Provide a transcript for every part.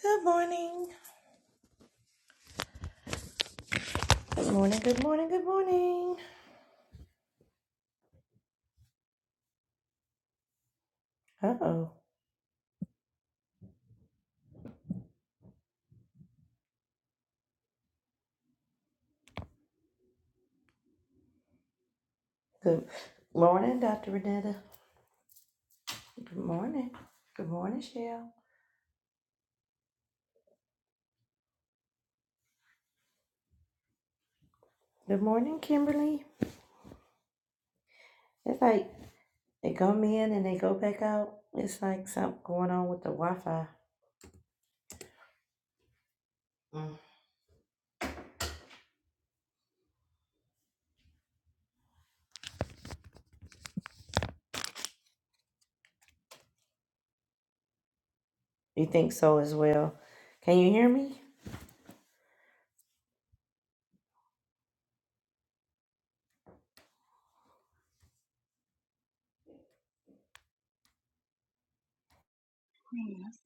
Good morning. Good morning. Good morning. Good morning. Uh oh. Good morning, Dr. Renetta. Good morning. Good morning, Shell. Good morning, Kimberly. It's like they come in and they go back out. It's like something going on with the Wi Fi. You think so as well? Can you hear me? Yes,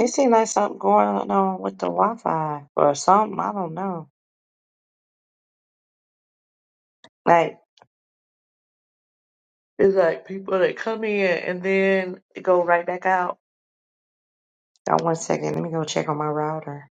It seems like something going on with the Wi Fi or something. I don't know. Like, it's like people that come in and then they go right back out. Now, one second. Let me go check on my router.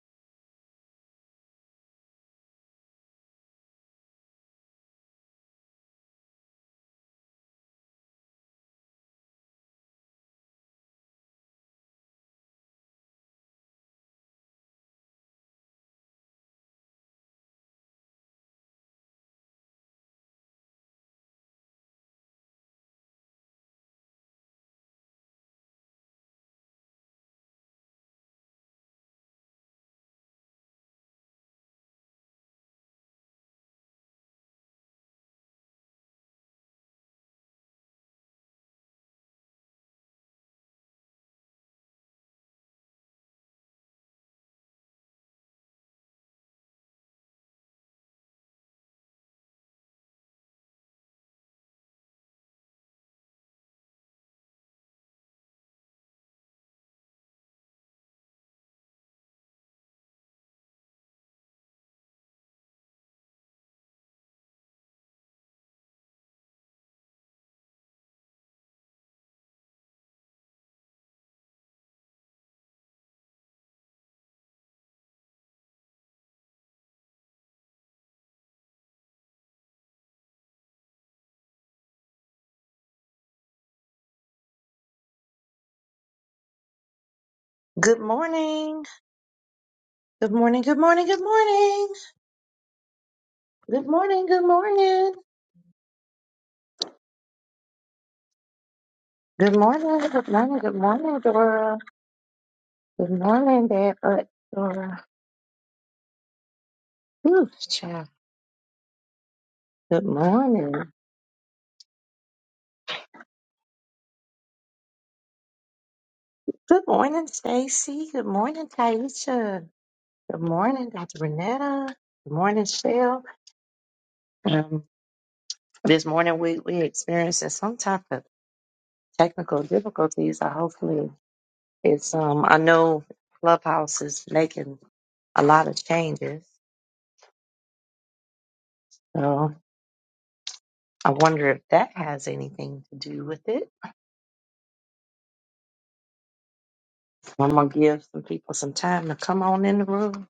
Good morning. Good morning. Good morning. Good morning. Good morning. Good morning. Good morning. Good morning. Good morning, Dora. Good morning, Dad. Uh, Dora. Whew, child. Good morning. Good morning, Stacy. Good morning, Taisha. Good morning, Dr. Renetta. Good morning, Shell. Um, this morning we we experiencing some type of technical difficulties. I hopefully It's um I know Clubhouse is making a lot of changes. So I wonder if that has anything to do with it. I'm gonna give some people some time to come on in the room.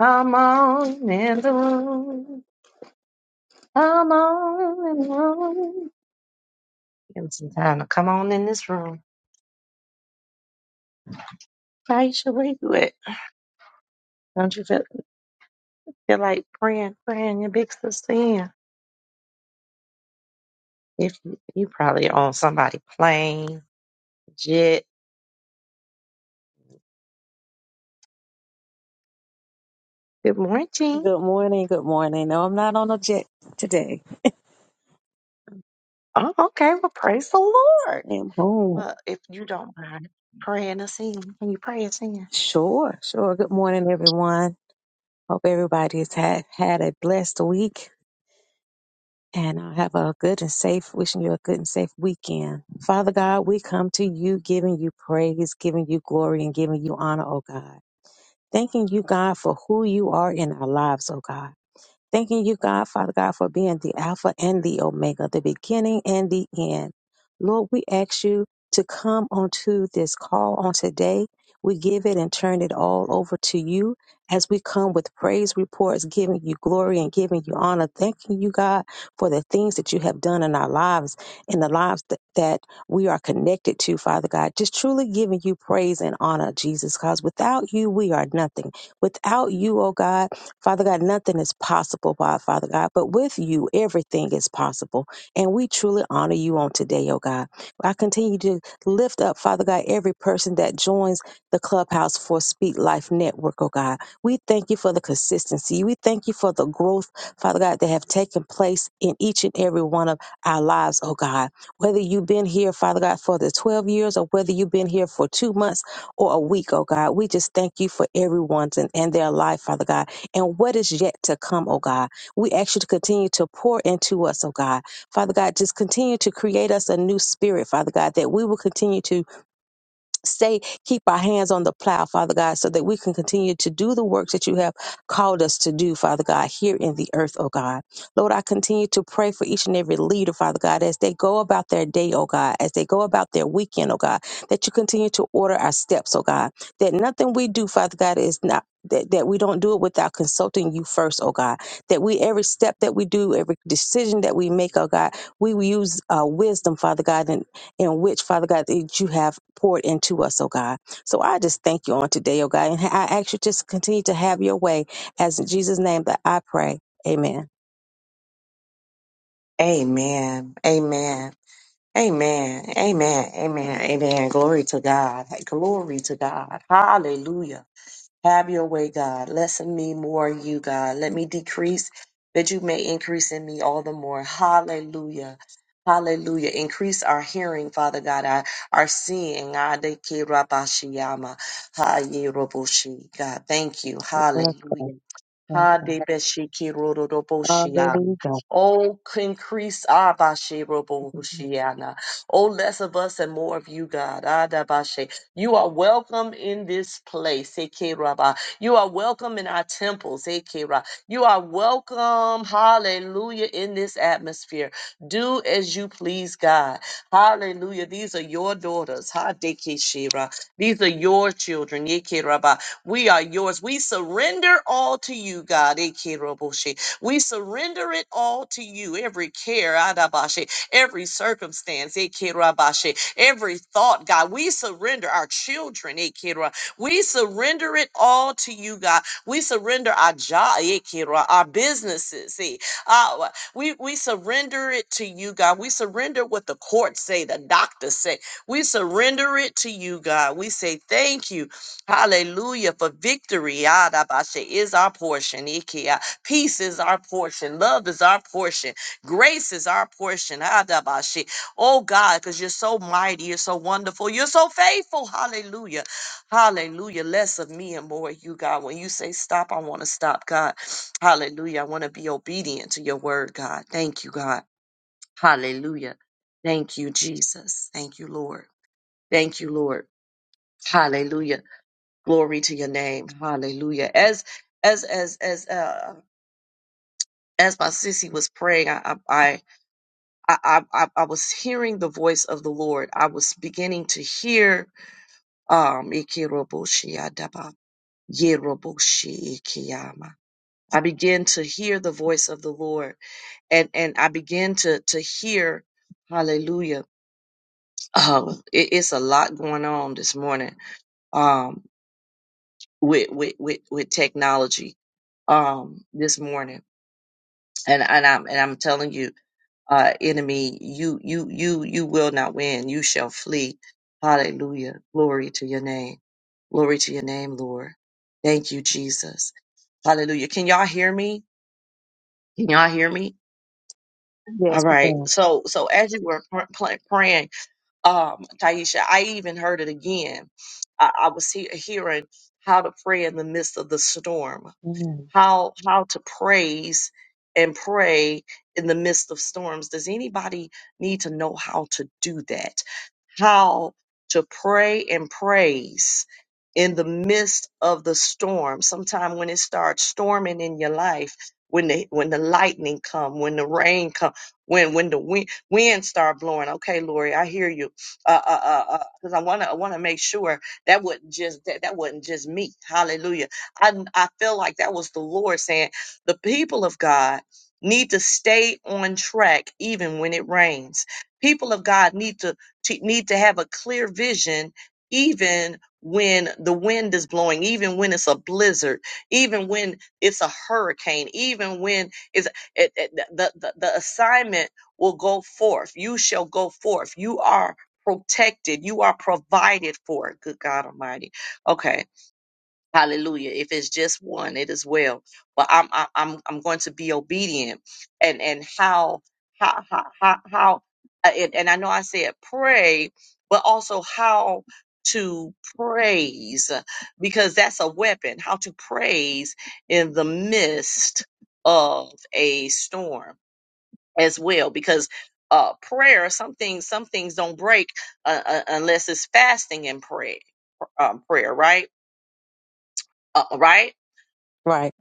Come on in the room. Come on in the room. Give them some time to come on in this room. Aisha, where you at? Don't you feel, feel like praying, praying your big sister in? If you, you probably on somebody plane, jet. Good morning. Good morning. Good morning. No, I'm not on a jet today. Oh, okay. Well, praise the Lord. I'm home. Well, if you don't mind praying us in, can you pray us in? Sure, sure. Good morning, everyone. Hope everybody's had had a blessed week and uh, have a good and safe. Wishing you a good and safe weekend. Father God, we come to you, giving you praise, giving you glory, and giving you honor, oh God. Thanking you, God, for who you are in our lives, oh God. Thanking you, God, Father God, for being the Alpha and the Omega, the beginning and the end. Lord, we ask you to come onto this call on today. We give it and turn it all over to you as we come with praise reports, giving you glory and giving you honor. Thanking you, God, for the things that you have done in our lives, in the lives that, that we are connected to, Father God. Just truly giving you praise and honor, Jesus, because without you, we are nothing. Without you, oh God, Father God, nothing is possible, by Father God, but with you, everything is possible. And we truly honor you on today, oh God. I continue to lift up, Father God, every person that joins the clubhouse for Speak Life Network, oh God. We thank you for the consistency. We thank you for the growth, Father God, that have taken place in each and every one of our lives, oh God. Whether you've been here, Father God, for the 12 years or whether you've been here for two months or a week, oh God, we just thank you for everyone's and, and their life, Father God and what is yet to come, oh God. We ask you to continue to pour into us, oh God. Father God, just continue to create us a new spirit, Father God, that we will continue to Stay, keep our hands on the plow, Father God, so that we can continue to do the works that you have called us to do, Father God, here in the earth, oh God. Lord, I continue to pray for each and every leader, Father God, as they go about their day, oh God, as they go about their weekend, oh God, that you continue to order our steps, oh God, that nothing we do, Father God, is not. That, that we don't do it without consulting you first, oh God. That we, every step that we do, every decision that we make, oh God, we will use uh, wisdom, Father God, in which, Father God, that you have poured into us, oh God. So I just thank you on today, oh God. And I ask you just continue to have your way as in Jesus' name that I pray. Amen. Amen. Amen. Amen. Amen. Amen. Amen. Glory to God. Glory to God. Hallelujah. Have your way, God. Less in me, more in you, God. Let me decrease that you may increase in me all the more. Hallelujah. Hallelujah. Increase our hearing, Father God, our, our seeing. Adeke rabashiyama. God, thank you. Yes, God. Hallelujah. Yes, God. Hadebeshiki Hallelujah. Oh, increase our bashirobohushiana. Oh, less of us and more of you, God. You are welcome in this place. Eke Rabba. You are welcome in our temples. Eke Ra. You are welcome, hallelujah, in this atmosphere. Do as you please, God. Hallelujah. These are your daughters. Ha Deke Shira. These are your children. Eke Rabba. We are yours. We surrender all to you, God. Eke Roboshi. We surrender it all to you. Every care. Adabashi every circumstance, eh, Kira Bashe, every thought, God. We surrender our children, eh, Kira. We surrender it all to you, God. We surrender our job, eh, Kira, our businesses, eh, our, we, we surrender it to you, God. We surrender what the courts say, the doctors say. We surrender it to you, God. We say thank you. Hallelujah. For victory Yadabasha, is our portion. Ikea. Peace is our portion. Love is our portion. Grace is our portion. Adabashi. Oh God, because you're so mighty, you're so wonderful, you're so faithful. Hallelujah. Hallelujah. Less of me and more of you, God. When you say stop, I want to stop, God. Hallelujah. I want to be obedient to your word, God. Thank you, God. Hallelujah. Thank you, Jesus. Thank you, Lord. Thank you, Lord. Hallelujah. Glory to your name. Hallelujah. As as as as uh as my sissy was praying, I I, I, I, I I was hearing the voice of the Lord. I was beginning to hear, um, Ikiroboshiadaba, Yeroboshikiyama. I began to hear the voice of the Lord and, and I began to, to hear, hallelujah. Um, it, it's a lot going on this morning, um, with, with, with, with technology, um, this morning. And, and I'm, and I'm telling you. uh, enemy, you, you, you, you will not win. You shall flee. Hallelujah. Glory to your name. Glory to your name, Lord. Thank you, Jesus. Hallelujah. Can y'all hear me? Can y'all hear me? All Yes, we right. can. So, so as you were pr- pl- praying, um, Taisha, I even heard it again. I, I was he- hearing how to pray in the midst of the storm Mhm. how how to praise and pray in the midst of storms does anybody need to know how to do that how to pray and praise in the midst of the storm. Sometime when it starts storming in your life, when the when the lightning come, when the rain come, when when the wind wind start blowing. Okay, Lori, I hear you. Uh, uh, uh, uh. because I wanna I wanna make sure that wasn't just that that wasn't just me. Hallelujah. I I feel like that was the Lord saying the people of God need to stay on track even when it rains people of God need to to need to have a clear vision even when the wind is blowing even when it's a blizzard even when it's a hurricane even when it's it, it, the, the the assignment will go forth you shall go forth you are protected you are provided for good god almighty okay Hallelujah. If it's just one, it is well. But I'm I'm I'm I'm going to be obedient. And and how how how how, how uh, and, and I know I said pray, but also how to praise because that's a weapon. How to praise in the midst of a storm as well because uh, prayer, some things, some things don't break uh, uh, unless it's fasting and pray, um, prayer, right? Uh, right? Right.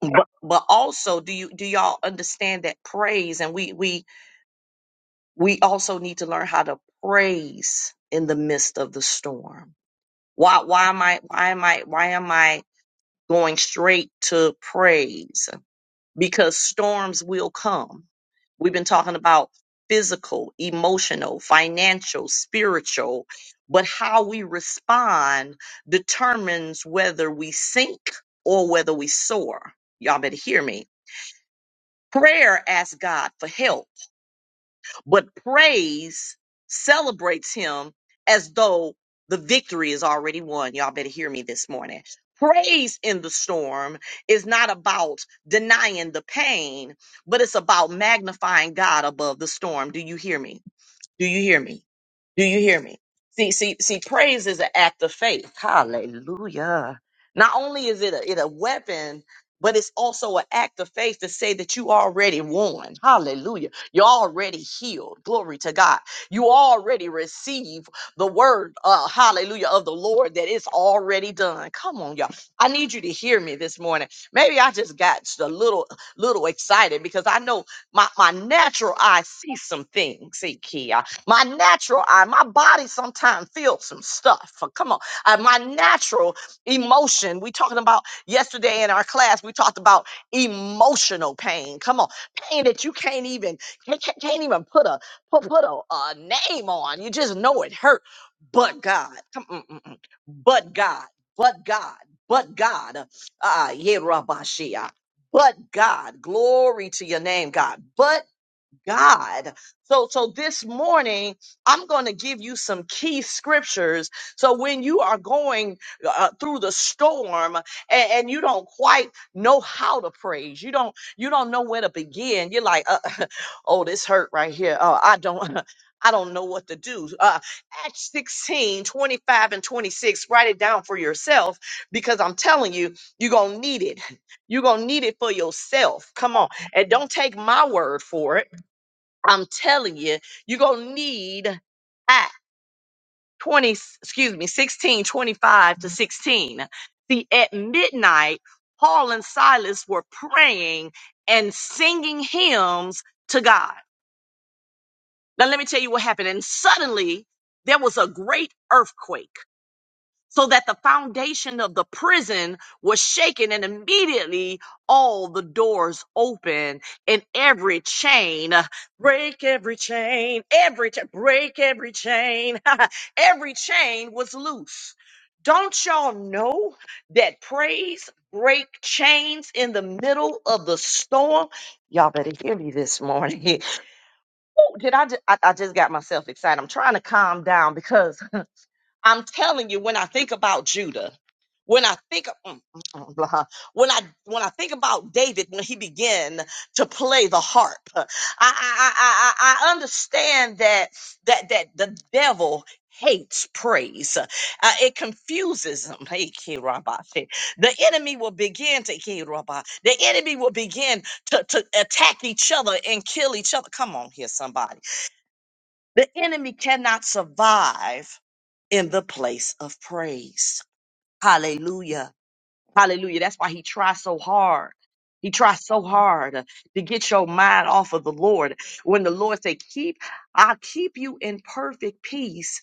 but but also do you do y'all understand that praise and we we we also need to learn how to praise in the midst of the storm why why am i why am i why am i going straight to praise because storms will come we've been talking about physical emotional financial spiritual but how we respond determines whether we sink or whether we soar y'all better hear me Prayer asks God for help, but praise celebrates him as though the victory is already won. Y'all better hear me this morning. Praise in the storm is not about denying the pain, but it's about magnifying God above the storm. Do you hear me? Do you hear me? Do you hear me? See, see, see, praise is an act of faith. Hallelujah. Not only is it a, it a weapon, but it's also an act of faith to say that you already won. Hallelujah. You're already healed. Glory to God. You already receive the word, uh, hallelujah, of the Lord that it's already done. Come on, y'all. I need you to hear me this morning. Maybe I just got just a little, little excited because I know my, my natural eye sees some things. See, my natural eye, my body sometimes feels some stuff. Uh, Come on. Uh, my natural emotion. We talking about yesterday in our class, we talked about emotional pain. Come on. Pain that you can't even can't, can't can't even put a put, put a, a name on. You just know it hurt. But God. Come mm, mm, mm. But God. But God. But God. Uh, yeah, Rabashia. But God, glory to your name, God. God. So, so this morning, I'm going to give you some key scriptures. So when you are going uh, through the storm and, and you don't quite know how to praise, you don't, you don't know where to begin. You're like, uh, oh, this hurt right here. Oh, I don't. I don't know what to do. Uh, Acts 16, twenty-five and 26, write it down for yourself because I'm telling you, you're going to need it. You're going to need it for yourself. Come on. And don't take my word for it. I'm telling you, you're gonna need at 20, excuse me, 16, 25 to 16. See, at midnight, Paul and Silas were praying and singing hymns to God. Now, let me tell you what happened. And suddenly, there was a great earthquake so that the foundation of the prison was shaken and immediately all the doors opened, and every chain break every chain every cha- break every chain every chain was loose don't y'all know that praise break chains in the middle of the storm y'all better hear me this morning Ooh, did I, ju- I i just got myself excited i'm trying to calm down because I'm telling you, when I think about Judah, when I think mm, mm, mm, blah. huh, when I when I think about David when he began to play the harp, uh, I I I, I I understand that that that the devil hates praise. Uh, it confuses him. Hey, Kirabashe. The enemy will begin to Kiraba. The enemy will begin to, to attack each other and kill each other. Come on here, somebody. The enemy cannot survive in the place of praise. Hallelujah. Hallelujah. That's why he tries so hard. He tries so hard to get your mind off of the Lord. When the Lord say, keep, I'll keep you in perfect peace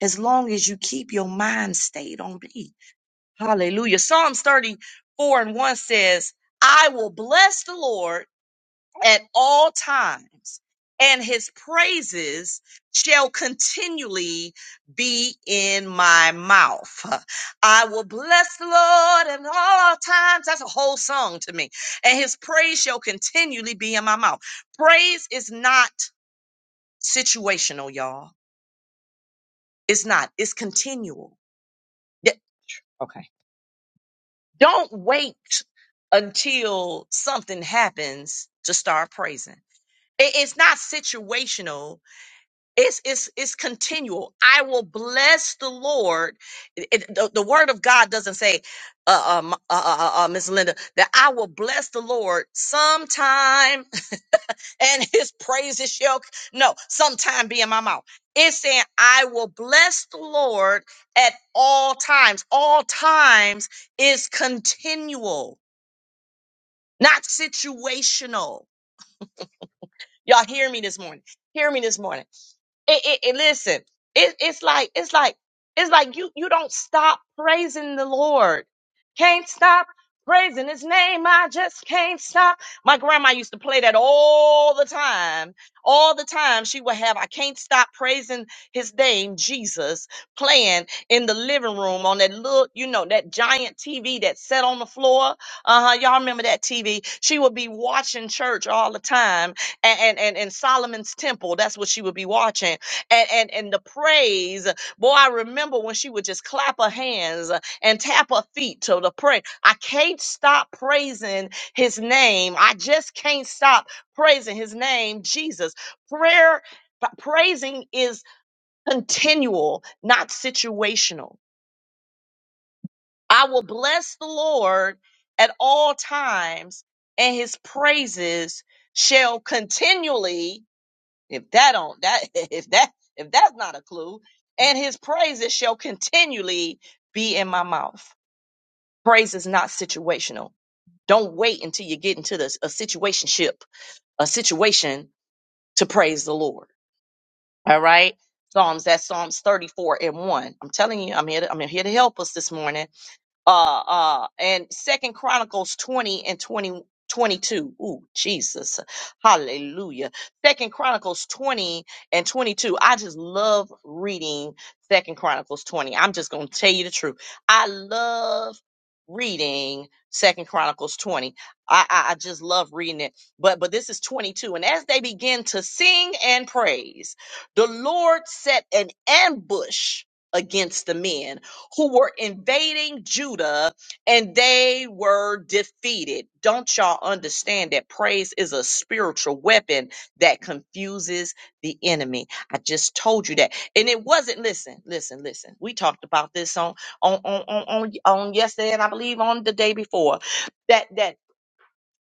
as long as you keep your mind stayed on me. Hallelujah. Psalms 34 and 1 says, I will bless the Lord at all times, and his praises shall continually be in my mouth. I will bless the Lord at all times. That's a whole song to me. And his praise shall continually be in my mouth. Praise is not situational, y'all. It's not, it's continual. Yeah, Okay. Don't wait until something happens to start praising. It- It's not situational It's, it's, it's continual. I will bless the Lord. It- it- the, the word of God doesn't say, uh, um, uh, uh, uh, uh, Miss Linda, that I will bless the Lord sometime and his praises shall, no, sometime be in my mouth. It's saying, I will bless the Lord at all times. All times is continual, not situational. Y'all hear me this morning. Hear me this morning. it, it, it- listen it, it's like it's like it's like you you don't stop praising the lord can't stop praising his name i just can't stop my grandma used to play that all the time all the time she would have i can't stop praising his name jesus playing in the living room on that little you know that giant tv that sat on the floor uh-huh y'all remember that tv she would be watching church all the time and and and, and solomon's temple that's what she would be watching and, and and the praise. Boy, I remember when she would just clap her hands uh, and tap her feet to the praise. I can't stop praising his name. I just can't stop praising his name, Jesus. Prayer praising is continual, not situational. I will bless the Lord at all times, and his praises shall continually if that don't that if that if that's not a clue, and his praises shall continually be in my mouth. Praise is not situational. Don't wait until you get into this a situationship, a situation to praise the Lord. All right. Psalms, that's Psalms 34 and 1. I'm telling you, I'm here to, I'm here to help us this morning uh uh and second chronicles 20 and 20, 22. ooh jesus hallelujah second chronicles 20 and 22 i just love reading second chronicles 20 i'm just going to tell you the truth i love reading second chronicles 20 I, I i just love reading it but but this is 22 and as they begin to sing and praise the lord set an ambush against the men who were invading Judah and they were defeated. Don't y'all understand that praise is a spiritual weapon that confuses the enemy? I just told you that. And it wasn't, listen, listen, listen. We talked about this on on on on, on, on yesterday and I believe on the day before. That that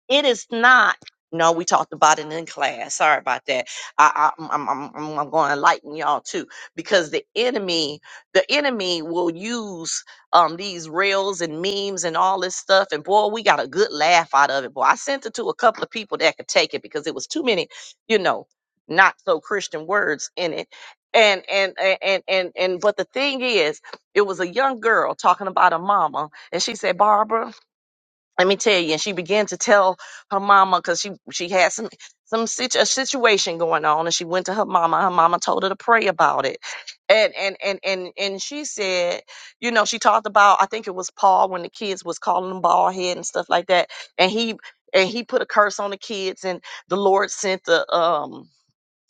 it is not. No, we talked about it in class. Sorry about that. I, I, I'm, I'm, I'm, I'm going to enlighten y'all too, because the enemy, the enemy will use um these reels and memes and all this stuff. And boy, we got a good laugh out of it. Boy, I sent it to a couple of people that could take it because it was too many, you know, not so Christian words in it. And and and and and, and but the thing is, it was a young girl talking about a mama, and she said, Barbara let me tell you. And she began to tell her mama because she she had some some situ- a situation going on, and she went to her mama. Her mama told her to pray about it, and and and and and she said, you know, she talked about I think it was Paul when the kids was calling him bald head and stuff like that, and he and he put a curse on the kids, and the Lord sent the um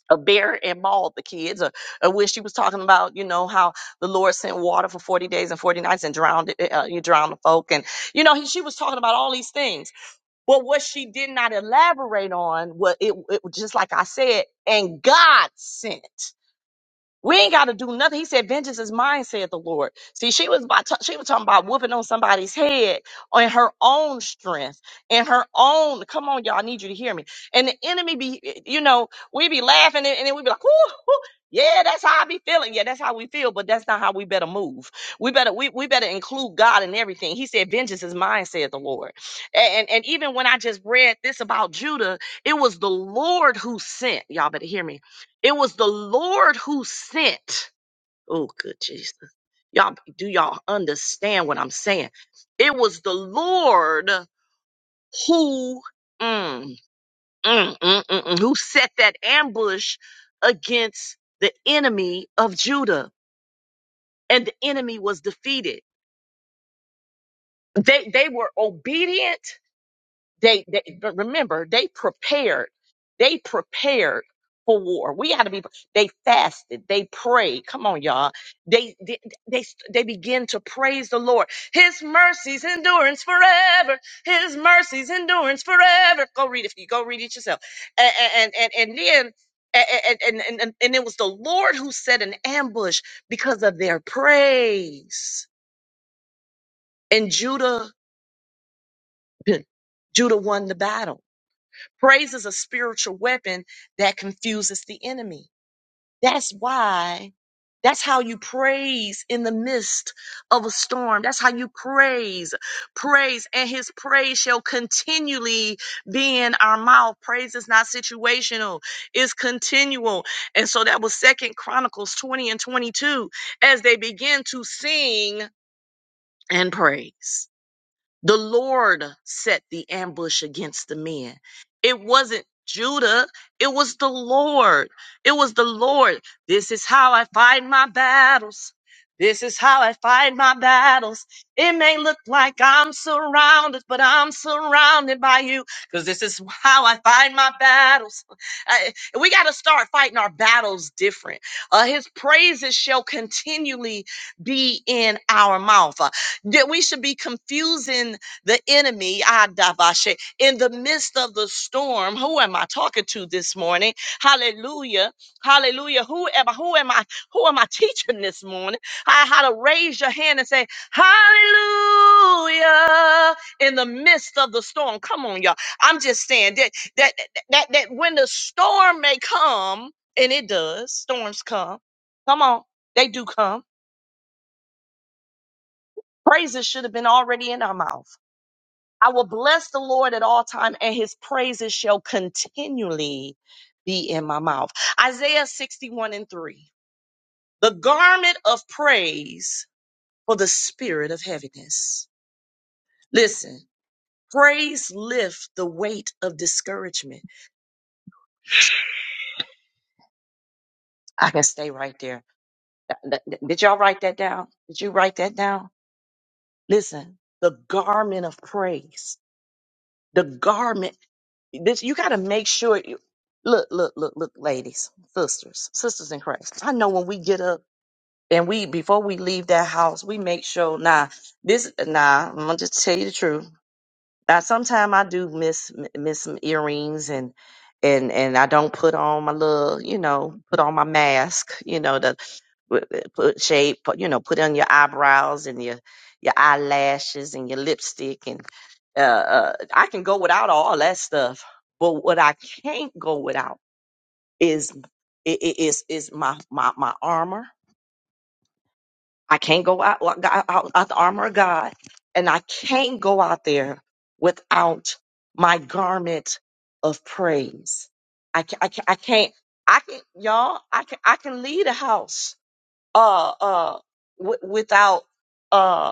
a bear and mauled the kids, or, or when she was talking about, you know, how the Lord sent water for 40 days and 40 nights and drowned, it- uh, you drowned the folk. And, you know, he, she was talking about all these things. But what she did not elaborate on was it, it was just like I said, and God sent. We ain't got to do nothing. He said, "Vengeance is mine," said the Lord. See, she was about to- she was talking about whooping on somebody's head on her own strength and her own. Come on, y'all, I need you to hear me. And the enemy be, you know, we be laughing and, and then we be like, "Whoo, whoo, yeah, that's how I be feeling. Yeah, that's how we feel." But that's not how we better move. We better we we better include God in everything. He said, "Vengeance is mine," said the Lord. And and, and even when I just read this about Judah, it was the Lord who sent. Y'all better hear me it was the Lord who sent. Oh, good Jesus. Y'all, do y'all understand what I'm saying? It was the Lord who, mm, mm, mm, mm, mm, who set that ambush against the enemy of Judah, and the enemy was defeated. They they were obedient they, they but remember they prepared they prepared for war we got to be they fasted they prayed come on y'all they, they they they begin to praise the lord his mercies endurance forever his mercies endurance forever go read it for you go read it yourself and and and, and then and, and, and, and and it was the Lord who set an ambush because of their praise. And Judah, Judah won the battle. Praise is a spiritual weapon that confuses the enemy. That's why, that's how you praise in the midst of a storm. That's how you praise, praise, and his praise shall continually be in our mouth. Praise is not situational, it's continual. And so that was Second Chronicles 20 and 22 as they begin to sing and praise. The Lord set the ambush against the men. It wasn't Judah, it was the Lord. It was the Lord. This is how I fight my battles. This is how I fight my battles. It may look like I'm surrounded, but I'm surrounded by you because this is how I fight my battles. I- we got to start fighting our battles different. Uh, his praises shall continually be in our mouth that we should be confusing the enemy Adavashe, in the midst of the storm. Who am I talking to this morning? Hallelujah. Hallelujah. Who am I? Who am I? Who am I teaching this morning? I how to raise your hand and say, Hallelujah in the midst of the storm. Come on, y'all. I'm just saying that that that that when the storm may come, and it does, storms come. Come on, they do come. Praises should have been already in our mouth. I will bless the Lord at all time, and his praises shall continually be in my mouth. Isaiah 61 and 3. The garment of praise for the spirit of heaviness. Listen, praise lift the weight of discouragement. I can stay right there. Th- th- Did y'all write that down? Did you write that down? Listen, the garment of praise. The garment This you got to make sure you look, look, look, look, ladies, sisters, sisters in Christ. I know when we get up and we before we leave that house, we make sure. Nah, this nah. I'm gonna just tell you the truth. Now, sometimes I do miss miss some earrings and and and I don't put on my little, you know, put on my mask, you know, the Put put shade, put, you know, put on your eyebrows and your your eyelashes and your lipstick and uh, uh, I can go without all that stuff, but what I can't go without is i- i- is is my my my armor. I can't go out out, out out the armor of God, and I can't go out there without my garment of praise. I can, I can, I can't I can y'all I can I can lead a house uh uh w- without uh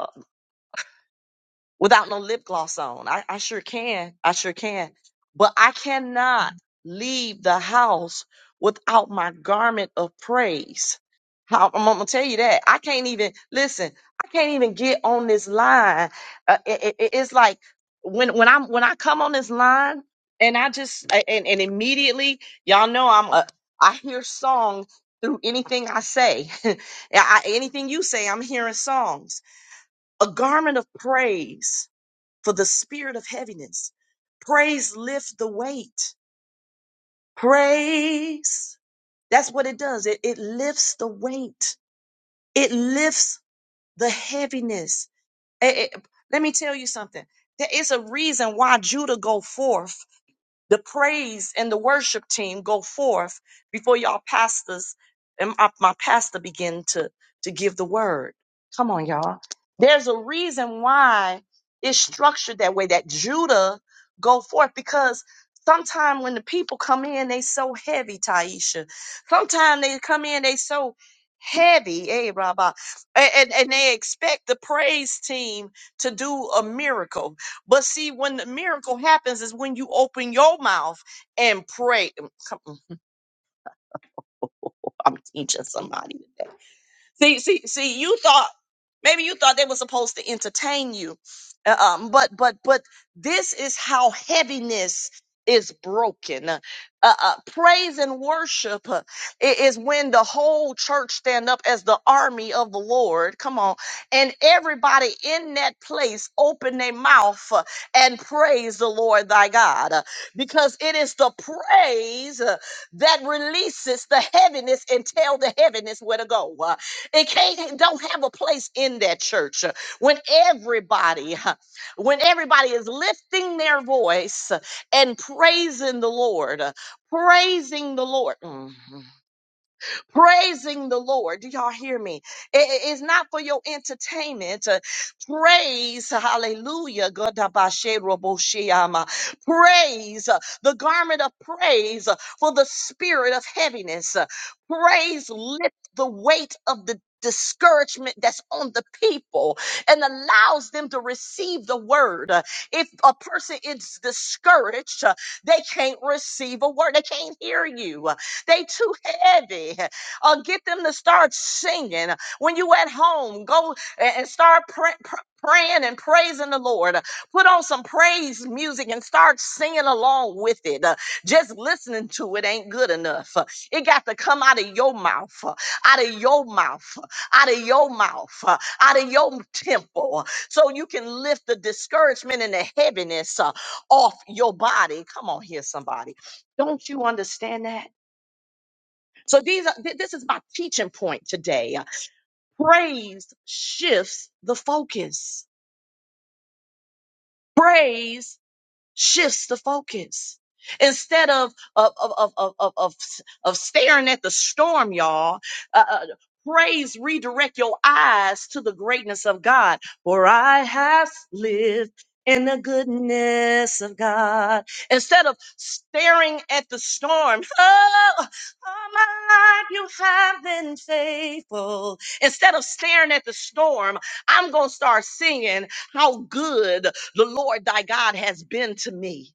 without no lip gloss on. I, I sure can. I sure can. But I cannot leave the house without my garment of praise. How, I'm gonna tell you that I can't even listen. I can't even get on this line. Uh, it, it- it- it's like when when I'm when I come on this line and I just a- and, and immediately y'all know I'm a I hear song through anything I say. I, anything you say, I'm hearing songs. A garment of praise for the spirit of heaviness. Praise lifts the weight. Praise. That's what it does. It, it lifts the weight. It lifts the heaviness. Eh, eh, let me tell you something. There is a reason why Judah go forth the praise and the worship team go forth before y'all pastors and my, my pastor begin to, to give the word. Come on, y'all. There's a reason why it's structured that way, that Judah go forth because sometimes when the people come in, they so heavy, Taisha. Sometimes they come in, they so heavy, eh, Rabbi, and, and and they expect the praise team to do a miracle but see, when the miracle happens is when you open your mouth and pray. Mm, Come on, I'm teaching somebody today. See, see, see, you thought maybe you thought they were supposed to entertain you. Uh, Um, but but but this is how heaviness is broken. Uh, uh, uh, praise and worship uh, i- is when the whole church stand up as the army of the Lord. Come on, and everybody in that place open their mouth uh, and praise the Lord thy God, uh, because it is the praise uh, that releases the heaviness and tell the heaviness where to go. Uh, it can't don't have a place in that church uh, when everybody, uh, when everybody is lifting their voice uh, and praising the Lord, uh, praising the Lord. Mhm praising the Lord. Do y'all hear me? I- I- it's not for your entertainment. Uh, praise, hallelujah. Godabashe roboshiama. Praise uh, the garment of praise uh, for the spirit of heaviness. Uh, Praise lift the weight of the discouragement that's on the people and allows them to receive the word. Uh, If a person is discouraged, uh, they can't receive a word. They can't hear you. Uh, They too heavy or get them to start singing. When you at home, go a- and start pra- pr- praying and praising the Lord. Put on some praise music and start singing along with it. Uh, Just listening to it ain't good enough. Uh, It got to come out of your mouth, uh, out of your mouth, uh, out of your mouth, uh, out of your temple, uh, so you can lift the discouragement and the heaviness uh, off your body. Come on here, somebody. Don't you understand that? So these are, th- this is my teaching point today. Praise shifts the focus. Praise shifts the focus. Instead of of of of of of, of, of staring at the storm, y'all, uh, uh, praise redirect your eyes to the greatness of God. For I have lived in the goodness of God. Instead of staring at the storm, oh, all my life you have been faithful. Instead of staring at the storm, I'm gonna start singing how good the Lord thy God has been to me.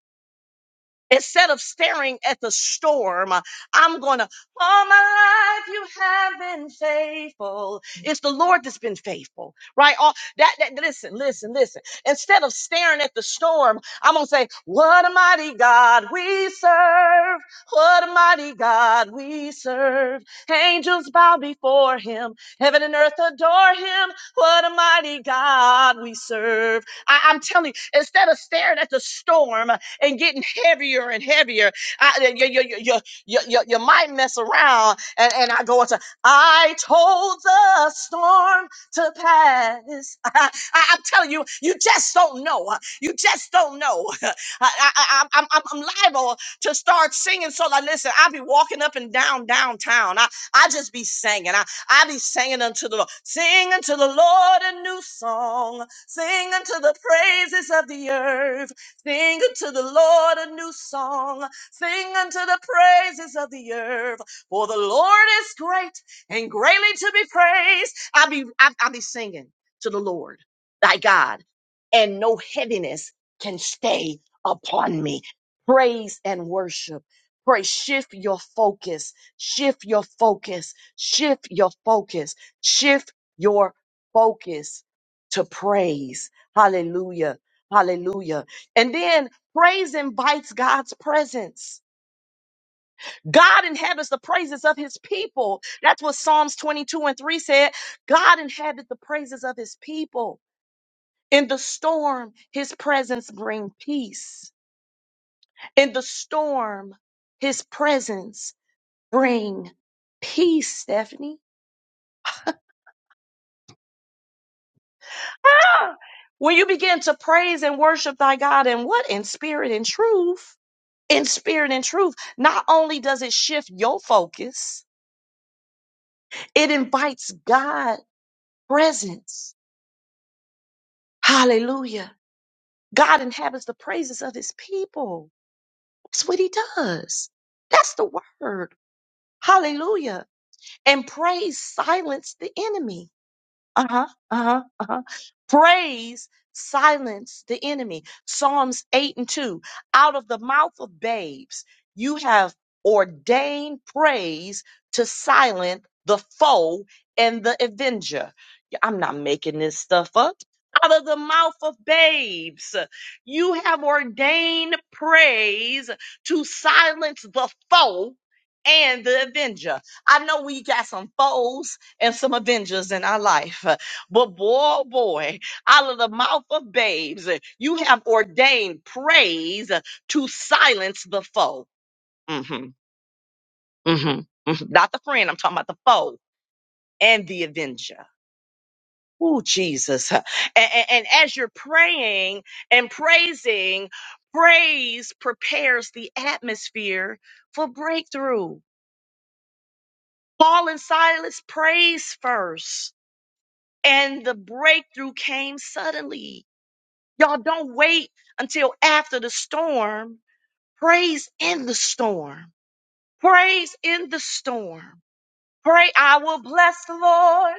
Instead of staring at the storm, uh, I'm going to, all my life you have been faithful. It's the Lord that's been faithful, right? All that, that, listen, listen, listen. Instead of staring at the storm, I'm going to say, what a mighty God we serve. What a mighty God we serve. Angels bow before him. Heaven and earth adore him. What a mighty God we serve. I, I'm telling you, instead of staring at the storm, and getting heavier and heavier. I, uh, you, you, you, you, you, you, you might mess around and, and I go into, I told the storm to pass. I, am telling you, you just don't know. You just don't know. I, I, I, I'm, I'm I'm liable to start singing. So like, listen, I'll be walking up and down downtown. I, I just be singing. I, I be singing unto the Lord. Sing unto the Lord a new song. Sing unto the praises of the earth. Sing unto the Lord a new song. Sing unto the praises of the earth. For the Lord is great and greatly to be praised. I'll be, I'll, I'll be singing to the Lord, thy God, and no heaviness can stay upon me. Praise and worship. Pray, shift your focus, shift your focus, shift your focus, shift your focus to praise. Hallelujah. Hallelujah. And then praise invites God's presence. God inhabits the praises of his people. That's what Psalms 22 and 3 said. God inhabits the praises of his people. In the storm, his presence bring peace. In the storm, his presence bring peace, Stephanie. Ah! When you begin to praise and worship thy God and what? In spirit and truth. In spirit and truth. Not only does it shift your focus, It invites God presence. Hallelujah. God inhabits the praises of his people. That's what he does. That's the word. Hallelujah. And praise silenced the enemy. Uh-huh. Uh-huh. Uh-huh. Praise silence the enemy. Psalms 8 and 2. Out of the mouth of babes, you have ordained praise to silence the foe and the avenger. Yeah, I'm not making this stuff up. Out of the mouth of babes, you have ordained praise to silence the foe and the avenger. I know we got some foes and some Avengers in our life. But boy, oh boy, out of the mouth of babes, you have ordained praise to silence the foe. Mm-hmm, hmm hmm Not the friend, I'm talking about the foe and the Avenger. Oh, Jesus. And, and, and as you're praying and praising, praise prepares the atmosphere for breakthrough. Paul and Silas praised first, and the breakthrough came suddenly Y'all don't wait until after the storm. Praise in the storm. Praise in the storm. Pray, I will bless the Lord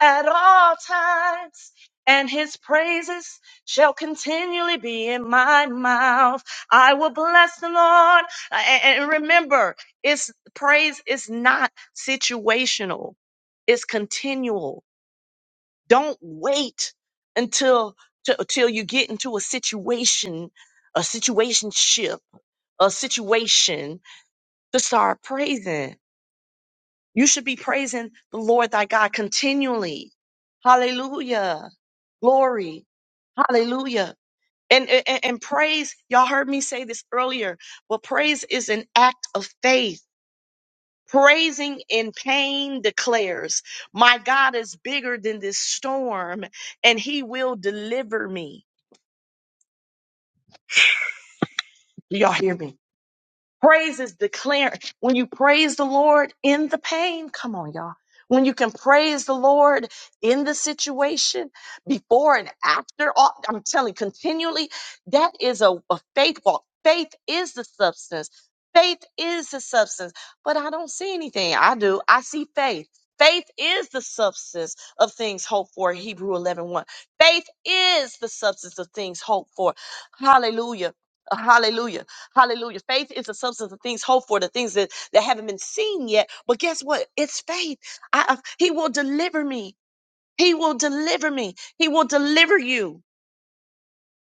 at all times, and his praises shall continually be in my mouth. I will bless the Lord. A- And remember, it's praise is not situational, it's continual. Don't wait until t- till you get into a situation, a situationship, a situation to start praising. You should be praising the Lord thy God continually. Hallelujah. Glory. Hallelujah. And, and, and praise, y'all heard me say this earlier, but praise is an act of faith. Praising in pain declares, My God is bigger than this storm and he will deliver me. Do y'all hear me? Praise is declaring. When you praise the Lord in the pain, come on, y'all. When you can praise the Lord in the situation, before and after, all- I'm telling you, continually, that is a, a faith walk. Faith is the substance. Faith is the substance. But I don't see anything. I do. I see faith. Faith is the substance of things hoped for, Hebrew eleven one. Faith is the substance of things hoped for. Hallelujah. Hallelujah Hallelujah. Faith is the substance of things hoped for, the things that, that haven't been seen yet. But guess what? It's faith. I, I- he will deliver me. He will deliver me. He will deliver you.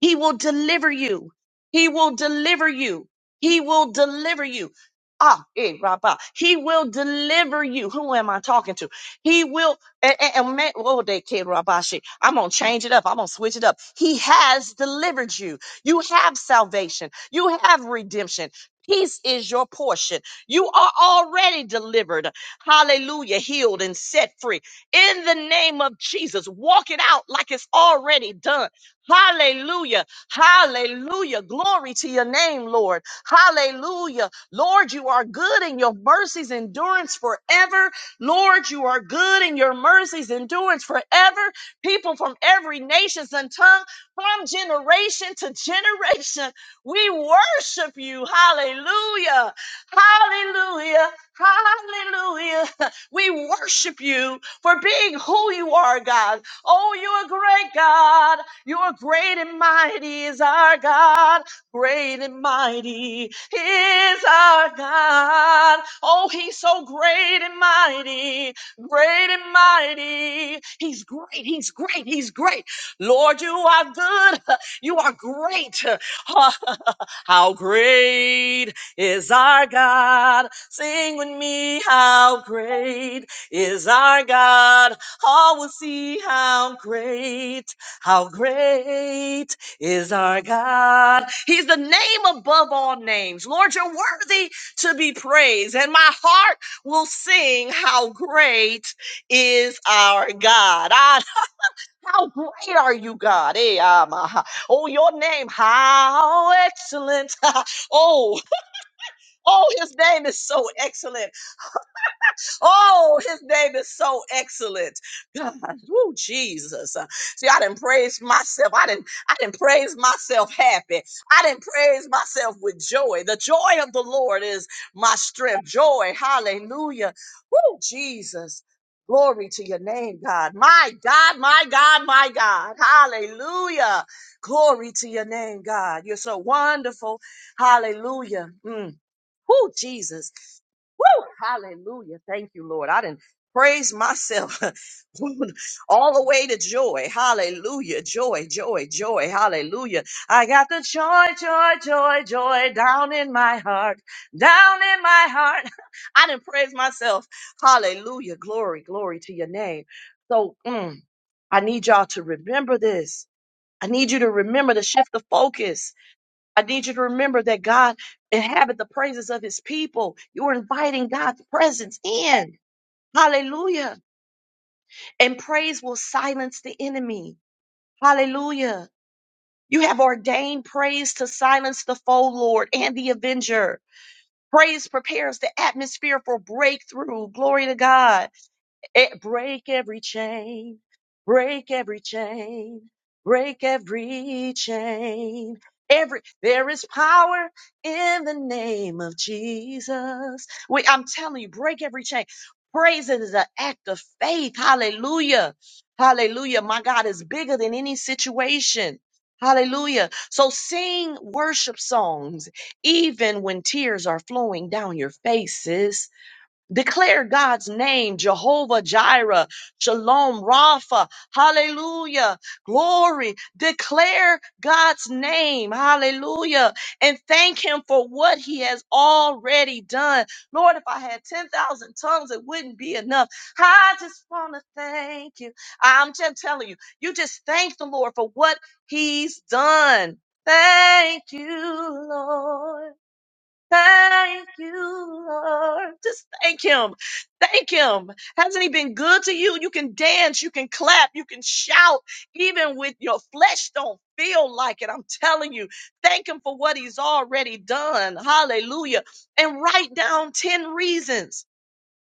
He will deliver you. He will deliver you. He will deliver you. Ah, eh, Rabba. He will deliver you. Who am I talking to? He will, and, and, and man, oh, they kid Rabashi. I'm going to change it up. I'm going to switch it up. He has delivered you. You have salvation. You have redemption. Peace is your portion. You are already delivered. Hallelujah. Healed and set free. In the name of Jesus, walk it out like it's already done Hallelujah. Hallelujah. Glory to your name, Lord. Hallelujah. Lord, you are good and your mercies endurance forever. Lord, you are good and your mercies endurance forever. People from every nation and tongue, from generation to generation, we worship you. Hallelujah. Hallelujah. Hallelujah. We worship you for being who you are, God. Oh, you're a great God. You're great and mighty is our God. Great and mighty is our God. Oh, he's so great and mighty. Great and mighty. He's great. He's great. He's great. Lord, you are good. You are great. How great is our God? Sing with me. How great is our God? All will see how great how great is our God? He's the name above all names. Lord, you're worthy to be praised. And my heart will sing, How great is our God? Ah, how great are you, God? Eh, ah, my ha- Oh, your name, how excellent. oh, oh, his name is so excellent. Oh, his name is so excellent. God, oh Jesus. Uh, See, I didn't praise myself. I didn't I didn't praise myself happy. I didn't praise myself with joy. The joy of the Lord is my strength. Joy. Hallelujah. Oh, Jesus. Glory to your name, God. My God, my God, my God. Hallelujah. Glory to your name, God. You're so wonderful. Hallelujah. Mm. Whoo, Jesus. Woo! Hallelujah. Thank you, Lord. I didn't praise myself all the way to joy. Hallelujah. Joy, joy, joy. Hallelujah. I got the joy, joy, joy, joy down in my heart. Down in my heart. I didn't praise myself. Hallelujah. Glory, glory to your name. So mm, I need y'all to remember this. I need you to remember to shift the focus. I need you to remember that God inhabit the praises of his people. You're inviting God's presence in. Hallelujah. And praise will silence the enemy. Hallelujah. You have ordained praise to silence the foe, Lord, and the avenger. Praise prepares the atmosphere for breakthrough. Glory to God. Eh, break every chain, break every chain, break every chain. Every there is power in the name of Jesus. We, I'm telling you, break every chain. Praise is an act of faith. Hallelujah. Hallelujah. My God is bigger than any situation. Hallelujah. So sing worship songs even when tears are flowing down your faces. Declare God's name, Jehovah Jireh, Shalom Rapha, hallelujah, glory. Declare God's name, hallelujah, and thank Him for what He has already done. Lord, if I had 10,000 tongues, it wouldn't be enough. I just want to thank you. I'm just telling you, you just thank the Lord for what He's done. Thank you, Lord. Thank you, Lord. Just thank Him. Thank Him. Hasn't He been good to you? You can dance, you can clap, you can shout, even with your flesh don't feel like it. I'm telling you, thank Him for what He's already done. Hallelujah. And write down 10 reasons.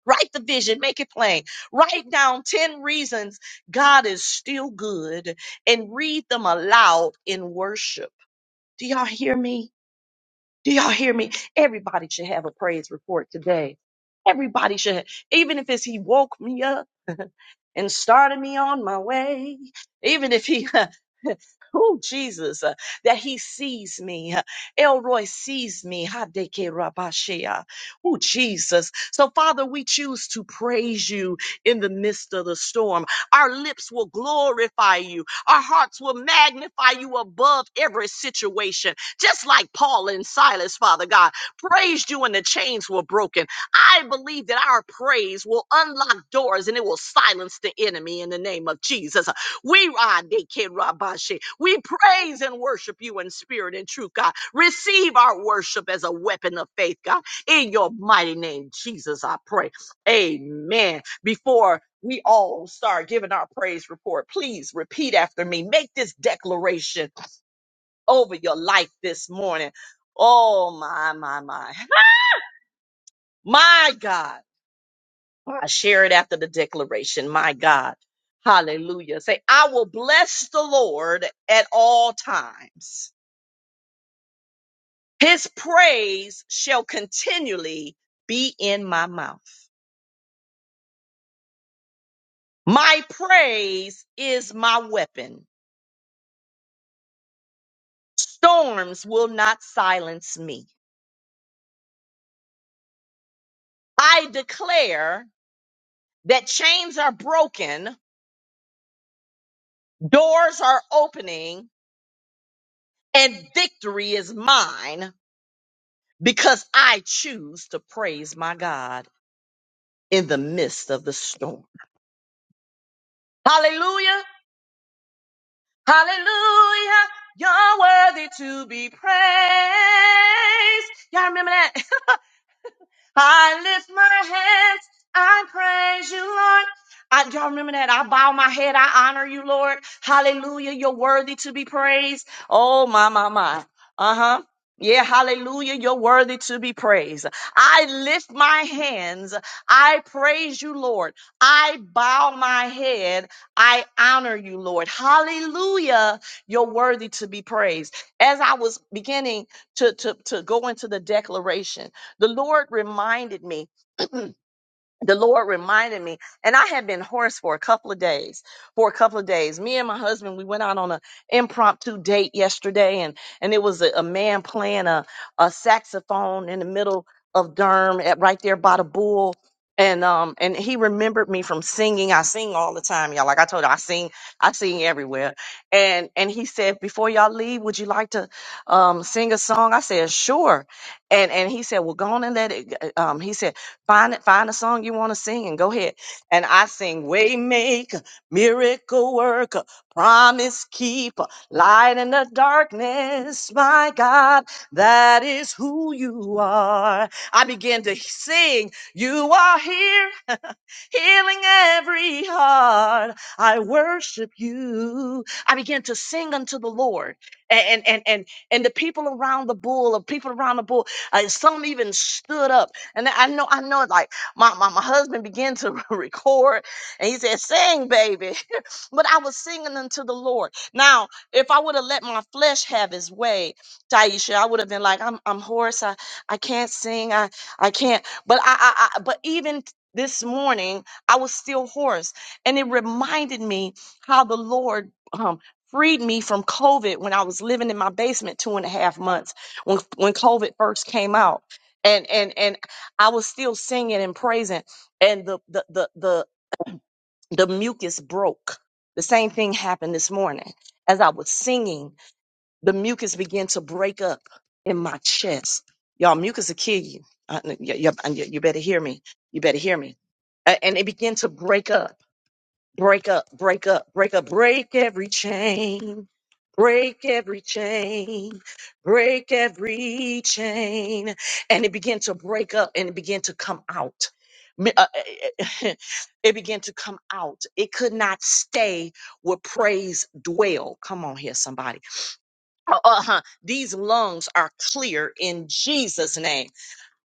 Write the vision, make it plain. Write down 10 reasons God is still good and read them aloud in worship. Do y'all hear me? Do y'all hear me? Everybody should have a praise report today. Everybody should, even if it's He woke me up and started me on my way. Even if he, oh Jesus, uh, that he sees me. uh, Elroy sees me. Hadeke rabashea. Oh Jesus. So Father, we choose to praise you in the midst of the storm. Our lips will glorify you. Our hearts will magnify you above every situation. Just like Paul and Silas, Father God, praised you when the chains were broken. I believe that our praise will unlock doors and it will silence the enemy in the name of Jesus. We ah, they can rabashi. we praise and worship you in spirit and truth, God. Receive our worship as a weapon of faith, God. In your mighty name, Jesus, I pray. Amen. Before we all start giving our praise report, please repeat after me. Make this declaration over your life this morning. Oh, my, my, my. My God. I share it after the declaration. My God. Hallelujah. Say, I will bless the Lord at all times. His praise shall continually be in my mouth. My praise is my weapon. Storms will not silence me. I declare that chains are broken, doors are opening, and victory is mine because I choose to praise my God. in the midst of the storm. Hallelujah! Hallelujah! You're worthy to be praised. Y'all remember that? I lift my hands. I praise you, Lord. I, y'all remember that? I bow my head. I honor you, Lord. Hallelujah. You're worthy to be praised. Oh, my, my, my. Uh huh. Yeah, hallelujah. You're worthy to be praised. I lift my hands. I praise you, Lord. I bow my head. I honor you, Lord. Hallelujah. You're worthy to be praised. As I was beginning to, to, to go into the declaration, the Lord reminded me the Lord reminded me, and I had been hoarse for a couple of days. For a couple of days, me and my husband we went out on an impromptu date yesterday, and and it was a, a man playing a a saxophone in the middle of Durham, at right there by the bull. And um and he remembered me from singing. I sing all the time, y'all. Like I told you, I sing, I sing everywhere. And and he said, before y'all leave, would you like to um sing a song? I said, sure. And and he said, well, go on and let it. Um, he said. Find it, find a song you want to sing and go ahead. And I sing Waymaker, Miracle Worker, Promise Keeper, Light in the Darkness, my God, that is who you are. I begin to sing, You are here, healing every heart. I worship you. I began to sing unto the Lord. And and and and, and the people around the bull, of people around the bull, uh, some even stood up and I know, I know, like my, my, my husband began to record and he said, Sing, baby. but I was singing unto the Lord. Now, if I would have let my flesh have his way, Taisha, I would have been like, I'm I'm hoarse. I, I can't sing. I I can't. But I, I, I but even this morning, I was still hoarse. And it reminded me how the Lord um freed me from COVID when I was living in my basement two and a half months when when COVID first came out. And and and I was still singing and praising, and the the the the, the mucus broke. The same thing happened this morning. As I was singing, the mucus began to break up in my chest. Y'all, mucus will kill you. I, y- y- y- you better hear me. You better hear me. A- And it began to break up. Break up, break up, break up, break every chain. Break every chain, break every chain. And it began to break up and it began to come out. Mi- uh, eh, It began to come out. It could not stay where praise dwell. Come on here, somebody. Uh huh. These lungs are clear in Jesus' name.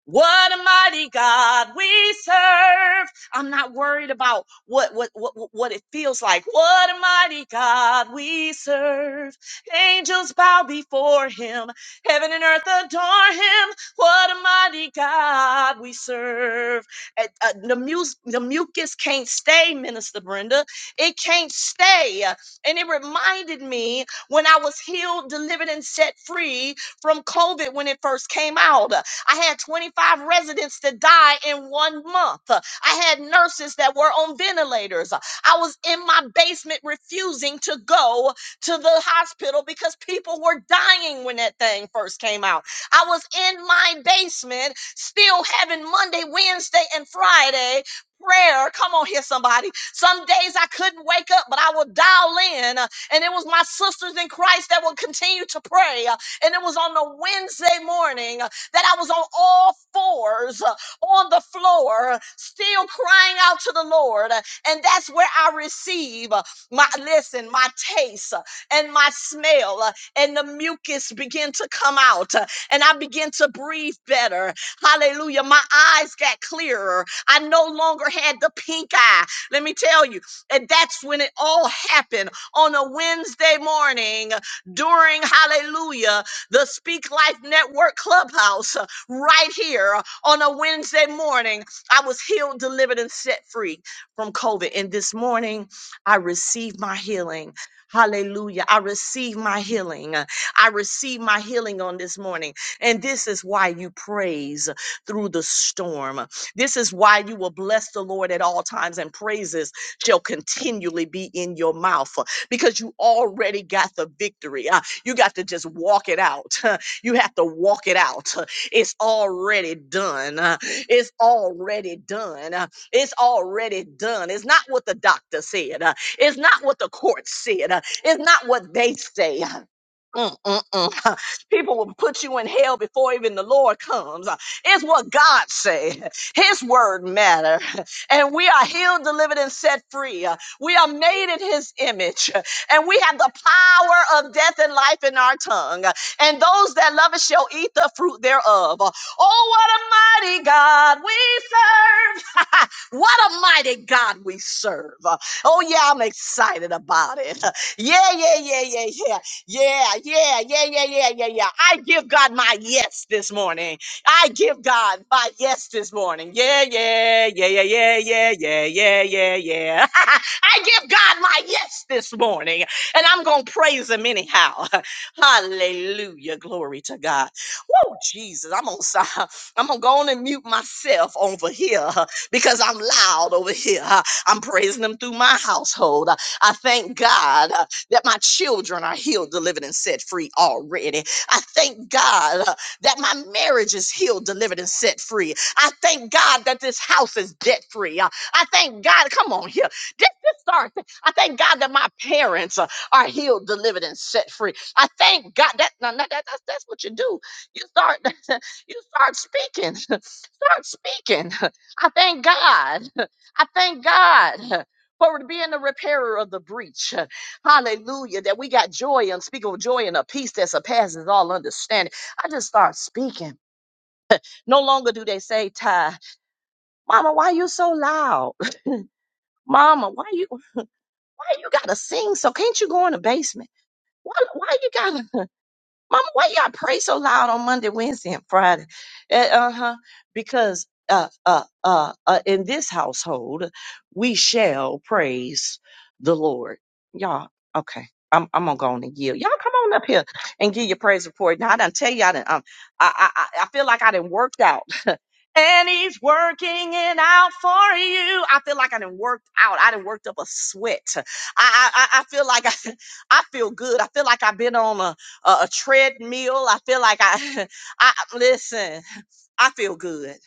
What a mighty God we serve. I'm not worried about what, what, what, what it feels like. What a mighty God we serve. Angels bow before him. Heaven and earth adore him. What a mighty God we serve. Uh, uh, the, mus- the mucus can't stay, Minister Brenda. It can't stay. And it reminded me when I was healed, delivered, and set free from COVID when it first came out. I had 25 residents to die in one month. Uh, I had nurses that were on ventilators. Uh, I was in my basement refusing to go to the hospital because people were dying when that thing first came out. I was in my basement still having Monday, Wednesday, and Friday prayer. Come on here, somebody. Some days I couldn't wake up, but I would dial in. uh, And it was my sisters in Christ that would continue to pray. uh, And it was on the Wednesday morning. uh, that I was on all fours uh, on the floor, still crying out to the Lord. uh, And that's where I receive uh, my listen, my taste uh, and my smell, uh, and the mucus begin to come out, uh, and I begin to breathe better. Hallelujah. My eyes got clearer. I no longer had the pink eye. Let me tell you, and that's when it all happened on a Wednesday morning during hallelujah the Speak Life Network Clubhouse uh, right here uh, on a Wednesday morning. I was healed, delivered, and set free from COVID. And this morning, I received my healing. Hallelujah. I receive my healing. Uh, I receive my healing on this morning. And this is why you praise through the storm. This is why you will bless the Lord at all times, and praises shall continually be in your mouth uh, because you already got the victory. Uh, you got to just walk it out. You have to walk it out. It's already done. Uh, It's already done. Uh, It's already done. It's not what the doctor said. Uh, It's not what the court said. Uh, It's not what they say. Uh, Mm, mm, mm. People will put you in hell before even the Lord comes. Uh, It's what God said. His word matter. And we are healed, delivered, and set free. Uh, We are made in his image and we have the power of death and life in our tongue. And those that love it shall eat the fruit thereof. Oh, what a mighty God we serve! what a mighty God we serve! Oh, yeah, I'm excited about it. Yeah, yeah, yeah, yeah, yeah. Yeah, yeah, yeah, yeah, yeah, yeah, yeah. I give God my yes this morning. I give God my yes this morning. Yeah, yeah, yeah, yeah, yeah, yeah, yeah, yeah, yeah, yeah. I give God my yes this morning, and I'm going to praise him anyhow. Hallelujah. Glory to God. Woo, Jesus. I'm going to I'm gonna go on and mute myself over here because I'm loud over here. I'm praising him through my household. I I thank God uh, that my children are healed, delivered, and set free already. I thank God uh, that my marriage is healed, delivered, and set free. I thank God that this house is debt free. I thank God, come on here. Just start. I thank God that my parents uh, are healed, delivered, and set free. I thank God that, now, now, that that's, that's what you do. You start you start speaking. Start speaking. I thank God. I thank God. For being the repairer of the breach. Hallelujah. That we got joy, unspeakable joy, and a peace that surpasses all understanding. I just start speaking. No longer do they say, Ty, Mama, why you so loud? Mama, why you? why you gotta sing so? Can't you go in the basement? Why, why you gotta, mama, why y'all pray so loud on Monday, Wednesday, and Friday? Uh huh. Because, uh, uh, uh, uh, in this household, we shall praise the Lord. Y'all, okay. I'm, I'm gonna go on and yield. Y'all come on up here and give your praise report. Now I done tell you all that um, I, I, I I feel like I done worked out and he's working it out for you. I feel like I done worked out. I done worked up a sweat. I I, I I feel like I, I feel good. I feel like I've been on a, a, a treadmill. I feel like I I listen. I feel good.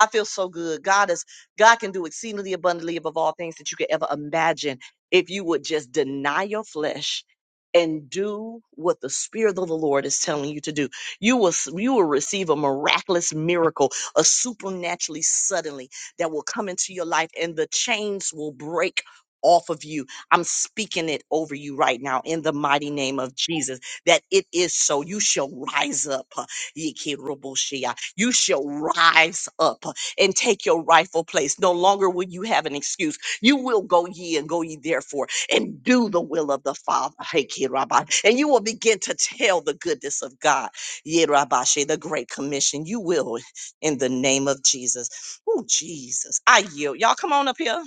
I feel so good. God is God can do exceedingly abundantly above all things that you could ever imagine if you would just deny your flesh and do what the spirit of the Lord is telling you to do. You will s- you will receive a miraculous miracle, a supernaturally suddenly that will come into your life and the chains will break off of you. I'm speaking it over you right now in the mighty name of Jesus that it is so. You shall rise up. You shall rise up and take your rightful place. No longer will you have an excuse. You will go ye and go ye therefore and do the will of the Father. Hey, kid, Rabbi. And you will begin to tell the goodness of God. Yeh, Rabbi, the Great Commission. You will in the name of Jesus. Oh, Jesus. I yield. Y'all come on up here.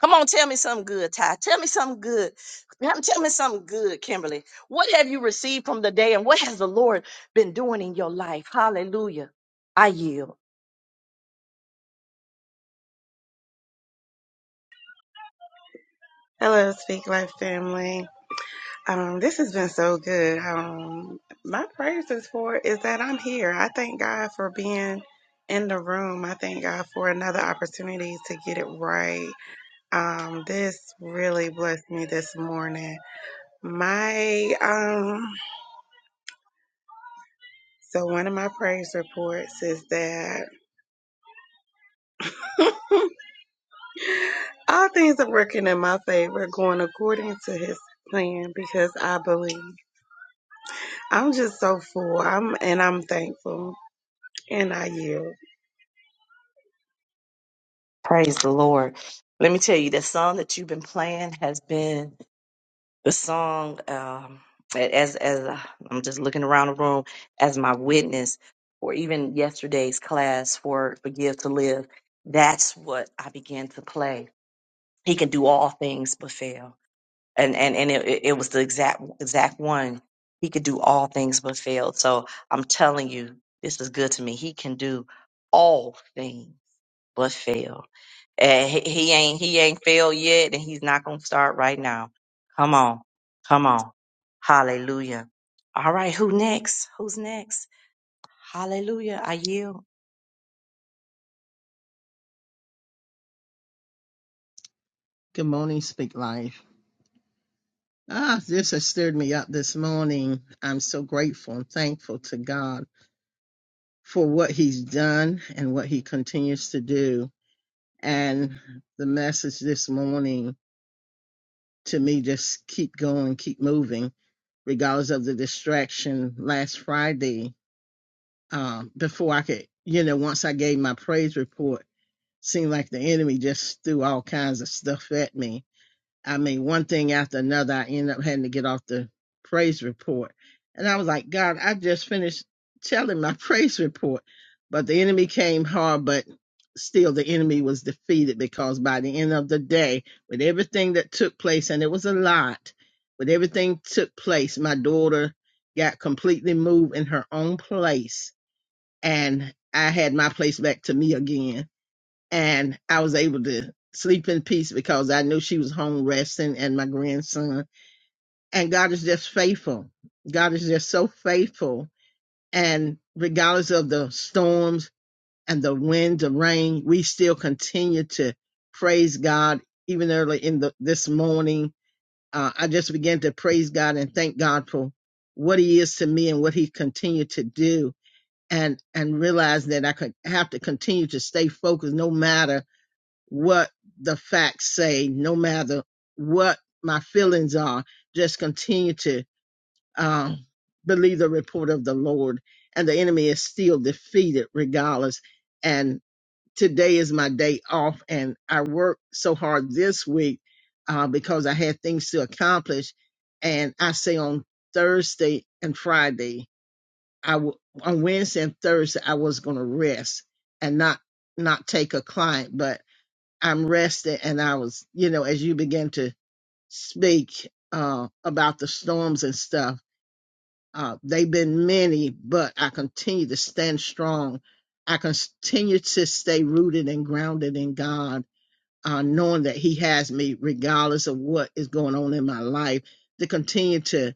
Come on, tell me something good, Ty. Tell me something good. Tell tell me something good, Kimberly. What have you received from the day and what has the Lord been doing in your life? Hallelujah. I yield. Hello, Speak Life family. Um, this has been so good. Um, my prayers is for is that I'm here. I thank God for being in the room. I thank God for another opportunity to get it right. Um, this really blessed me this morning. My um, so one of my praise reports is that all things are working in my favor, going according to His plan because I believe. I'm just so full. I'm and I'm thankful, and I yield. Praise the Lord. Let me tell you, the song that you've been playing has been the song, um, as, as uh, I'm just looking around the room as my witness or even yesterday's class for Forgive to Live. That's what I began to play. He can do all things but fail. and and and it, it was the exact exact one. He could do all things but fail. So I'm telling you, this is good to me. He can do all things but fail. And he, he ain't he ain't failed yet, and he's not gonna start right now. Come on, come on, Hallelujah. All right, who next? Who's next? Hallelujah. I yield. Good morning, Speak Life. Ah, this has stirred me up this morning. I'm so grateful and thankful to God for what He's done and what He continues to do. And the message this morning to me just keep going, keep moving, regardless of the distraction. Last Friday, um, before I could, you know, once I gave my praise report, seemed like the enemy just threw all kinds of stuff at me I mean, one thing after another, I ended up having to get off the praise report. And I was like, God, I just finished telling my praise report, but the enemy came hard, but still the enemy was defeated because by the end of the day, with everything that took place, and it was a lot, with everything took place, my daughter got completely moved in her own place. And I had my place back to me again and I was able to sleep in peace because I knew she was home resting and my grandson. And God is just faithful. God is just so faithful. And regardless of the storms and the wind, the rain, we still continue to praise God. Even early in the this morning, uh, I just began to praise God and thank God for what He is to me and what He continued to do, and and realize that I could have to continue to stay focused no matter what the facts say, no matter what my feelings are, just continue to um, believe the report of the Lord. And the enemy is still defeated regardless. And today is my day off, and I worked so hard this week uh, because I had things to accomplish. And I say on Thursday and Friday, I w- on Wednesday and Thursday, I was going to rest and not not take a client, but I'm rested. And I was, you know, as you begin to speak uh, about the storms and stuff, uh, they've been many, but I continue to stand strong. I continue to stay rooted and grounded in God, uh, knowing that He has me regardless of what is going on in my life, to continue to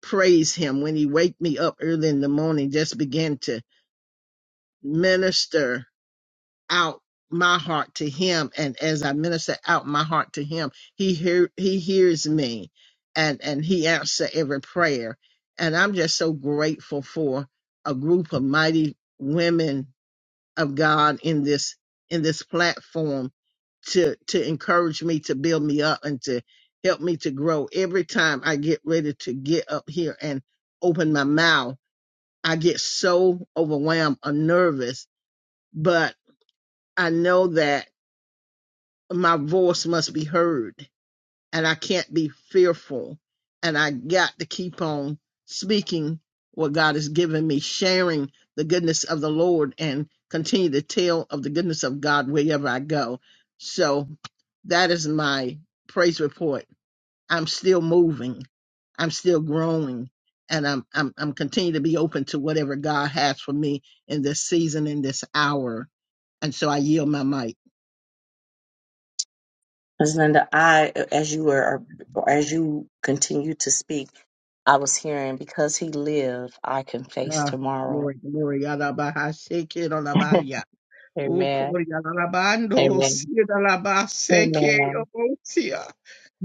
praise Him. When He wake me up early in the morning, just begin to minister out my heart to him and as i minister out my heart to him he hear he hears me and and he answers every prayer and i'm just so grateful for a group of mighty women of god in this in this platform to to encourage me to build me up and to help me to grow every time i get ready to get up here and open my mouth i get so overwhelmed or nervous but i know that my voice must be heard and I can't be fearful. And I got to keep on speaking what God has given me, sharing the goodness of the Lord and continue to tell of the goodness of God wherever I go. So that is my praise report. I'm still moving. I'm still growing and I'm, I'm, I'm continuing to be open to whatever God has for me in this season, in this hour. And so I yield my mic. Ms. Linda, I, as you were, or as you continue to speak, I was hearing, because he live, I can face Ah, tomorrow. glory, glory. Yadabaha seke dolabaya. Amen. Ukori yalabando, Amen. siya dalaba seke Amen. obosia.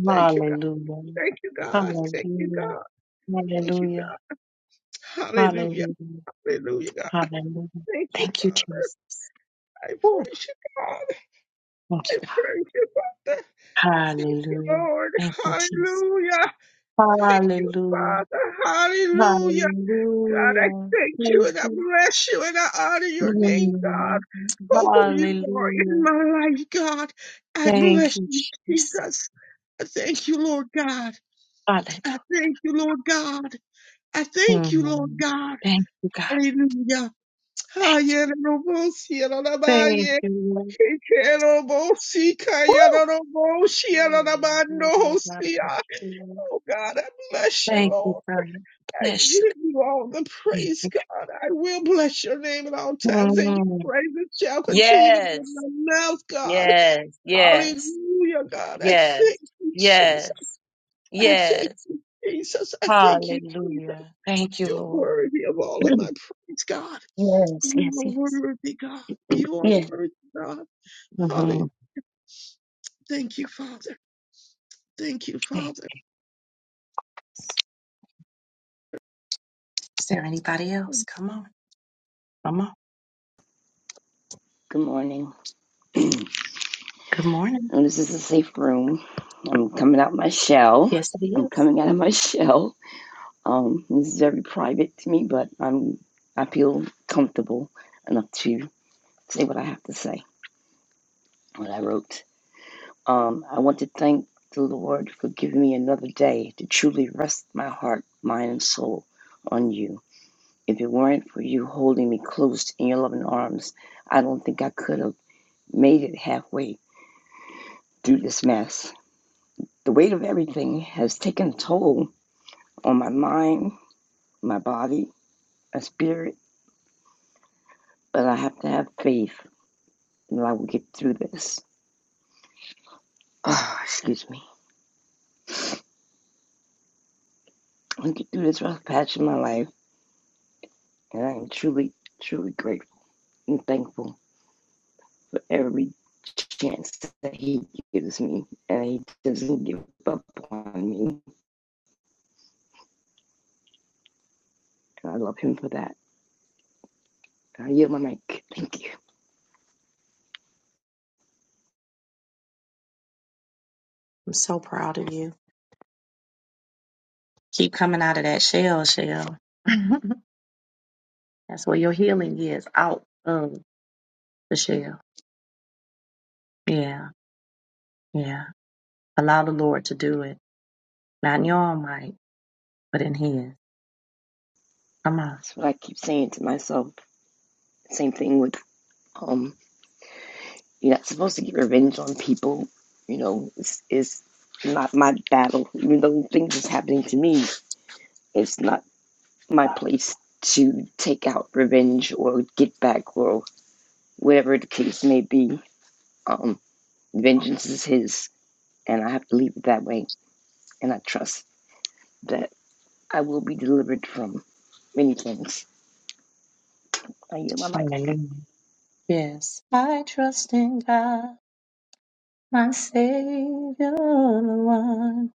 Thank you, God. Hallelujah. Thank you, God. Thank you, Hallelujah. God. Thank you, Hallelujah. God. Hallelujah. Hallelujah. Hallelujah, God. Hallelujah. Thank you, Thank you, Father. Jesus. I Woo. praise you, God. Thank I you, God. praise you, Father. Thank you, Hallelujah. Lord. Thank you, Jesus. Hallelujah. Thank you, Hallelujah. Father. Hallelujah. God, I Hallelujah. thank you and Thank I you. bless you and I honor your name, God. Mm. Oh, you are in Hallelujah. my life, God. I Thank bless you, you, Jesus. Jesus. I thank you, Lord God. I Hallelujah. thank you, Lord God. I thank you, Lord Mm. God. Thank you, God. Hallelujah. Thank you. Hallelujah. Thank you. Lord. Yeah, Lord, Lord, God, bless you. Oh God, I bless you, Thank you, Lord. God. I Bless give you all the you. Thank praise, you, God. I will bless your name at all God. times, and your Mm. praises shall continue in Yes, my mouth, God. yes, yes, Hallelujah, God. I yes, thank you, Jesus. yes, I thank yes. you, Jesus. I thank you, Jesus. Hallelujah. Thank you, You're Lord. worthy of all of my praise, God. yes, You yes, are yes, worthy, God. You are yes. worthy, God. hmm Hallelujah. Thank you, Father. Thank you, Hey, Father. is there anybody else? Come on, come on. Good morning. Good morning. Now, this is a safe room. I'm coming out my shell. Yes, it I'm is. coming out of my shell. Um, this is very private to me, but I'm I feel comfortable enough to say what I have to say, what I wrote. Um, I want to thank the Lord for giving me another day to truly rest my heart, mind, and soul on you. If it weren't for you holding me close in your loving arms, I don't think I could have made it halfway through this mess. The weight of everything has taken a toll on my mind, my body, my spirit, but I have to have faith that I will get through this. Oh, excuse me. I get through this rough patch in my life, and I am truly, truly grateful and thankful for every chance that He gives me, and He doesn't give up on me. And I love Him for that. I yield my mic. Thank you. I'm so proud of you. Keep coming out of that shell, shell. That's where your healing is out of. Michelle. Yeah, yeah. Allow the Lord to do it. Not in your own might, but in His. Come on. That's what I keep saying to myself. Same thing with um You're not supposed to get revenge on people. You know, it's, it's not my battle. Even though things is happening to me, it's not my place to take out revenge or get back or whatever the case may be. Um, vengeance is his, and I have to leave it that way. And I trust that I will be delivered from many things. I yield my mic. Hallelujah. Yes. I trust in God, my Savior, the one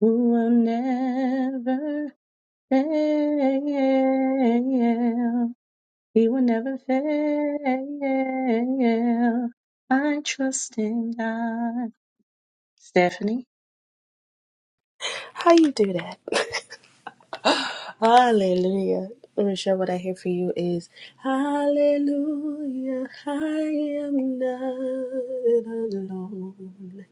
who will never fail. He will never fail. I trust in God. Stephanie? How you do that? Hallelujah. Michelle, what I hear for you is Hallelujah. I am not alone.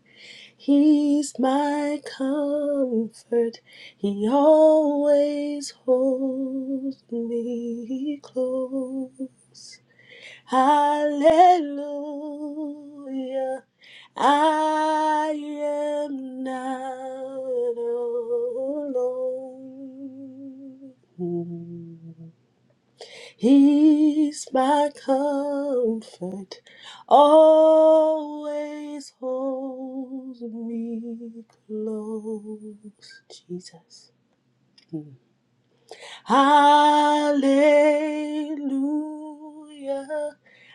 He's my comfort. He always holds me close. Hallelujah. I am not alone. He's my comfort, always holds me close. Jesus. Hmm. Hallelujah.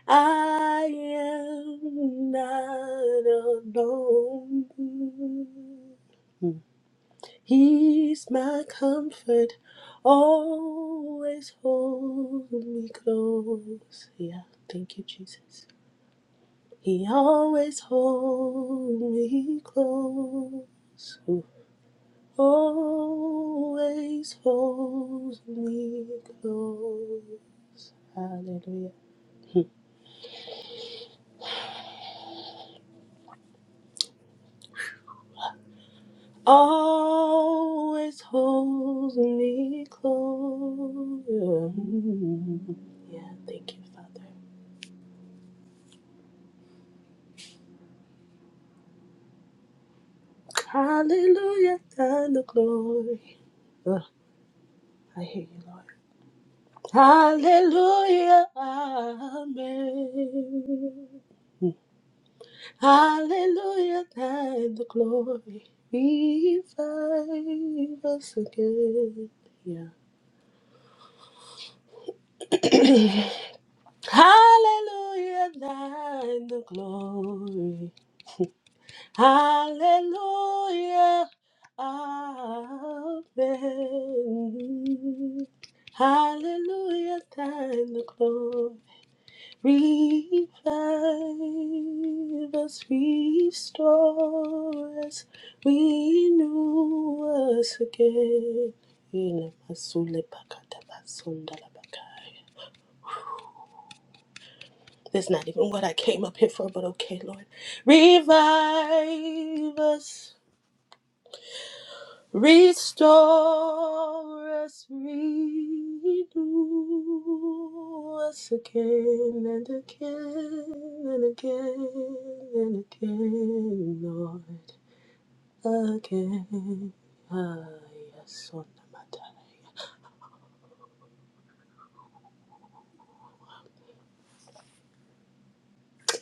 I am not alone. He's my comfort, always hold me close. Yeah, thank you, Jesus. He always holds me close always holds me close. Hallelujah. Always holds me close. Mm. Yeah, thank you, Father. Hallelujah and the glory. Ugh, I hear you, Lord. Hallelujah, Amen. Hallelujah, thine the glory. Revive us again. Yeah. Hallelujah, thine the glory. Hallelujah, amen. Hallelujah, thine the glory. Revive us, restore us, renew us again. Yila masule pakata basunda la bakaya. That's not even what I came up here for, but okay, Lord. Revive us. Restore us, renew us again and again and again and again, Lord, again. Ah, yes, on the matter,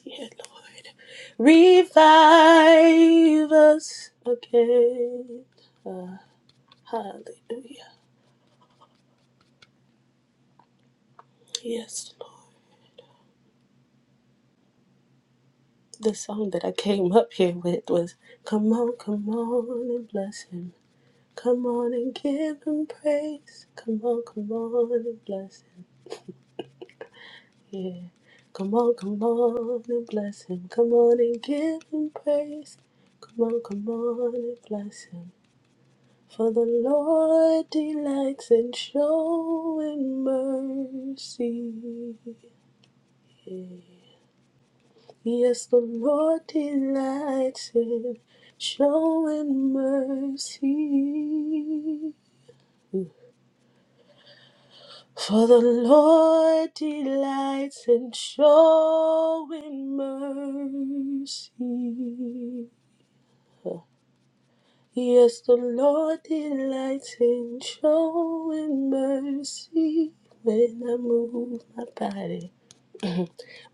dear Lord. Revive us again. Ah, hallelujah. Yes, Lord. The song that I came up here with was Come on, come on and bless him. Come on and give him praise. Come on, come on and bless him. Yeah. Come on, come on and bless him. Come on and give him praise. Come on, come on and bless him. For the Lord delights in showing mercy. Yes, the Lord delights in showing mercy. For the Lord delights in showing mercy. Yes, the Lord delights in showing mercy when I move my body.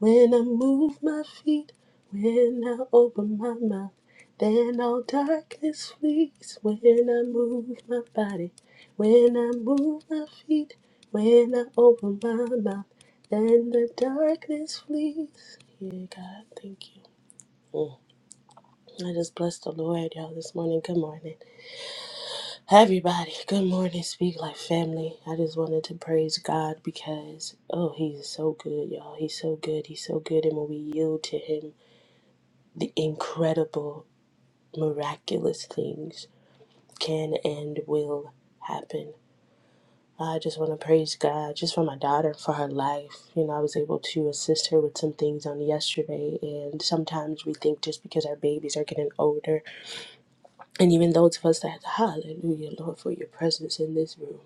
When I move my feet, when I open my mouth, then all darkness flees. When I move my body, when I move my feet, when I open my mouth, then the darkness flees. Yeah, God, thank you. Mm. I just bless the Lord, y'all, this morning. Good morning. Everybody, good morning. Speak like family. I just wanted to praise God because, oh, He's so good, y'all. He's so good. He's so good. And when we yield to Him, the incredible, miraculous things can and will happen. I just want to praise God just for my daughter, and for her life. You know, I was able to assist her with some things on yesterday, and sometimes we think just because our babies are getting older, and even those of us that, hallelujah, Lord, for your presence in this room,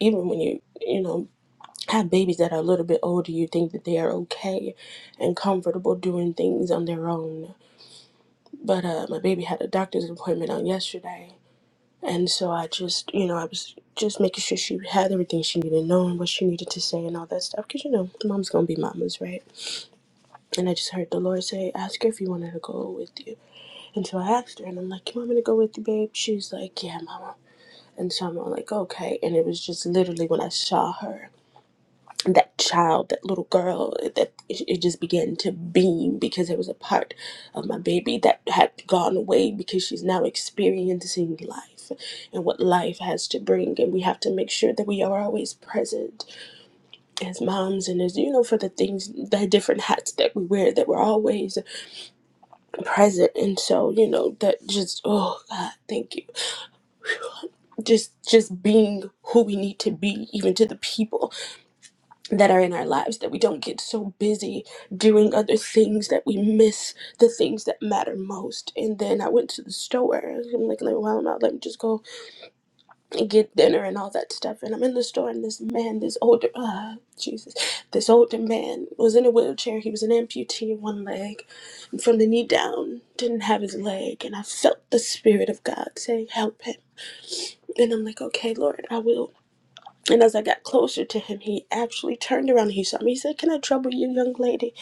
even when you, you know, have babies that are a little bit older, you think that they are okay and comfortable doing things on their own. But uh, my baby had a doctor's appointment on yesterday, And so I just, you know, I was just making sure she had everything she needed, knowing what she needed to say and all that stuff. Because, you know, mom's going to be mama's, right? And I just heard the Lord say, ask her if you want her to go with you. And so I asked her, and I'm like, you want me to go with you, babe? She's like, yeah, mama. And so I'm all like, okay. And it was just literally when I saw her that child, that little girl, that it, it just began to beam because there was a part of my baby that had gone away because she's now experiencing life and what life has to bring. And we have to make sure that we are always present as moms and as, you know, for the things, the different hats that we wear, that we're always present. And so, you know, that just, oh God, thank you. Just, just being who we need to be, even to the people that are in our lives that we don't get so busy doing other things that we miss the things that matter most and then i went to the store i'm like, like well now let me just go and get dinner and all that stuff and i'm in the store and this man this older uh jesus this older man was in a wheelchair he was an amputee in one leg and from the knee down didn't have his leg and i felt the spirit of god saying help him and i'm like okay lord i will and as I got closer to him, he actually turned around and he saw me. He said, Can I trouble you, young lady?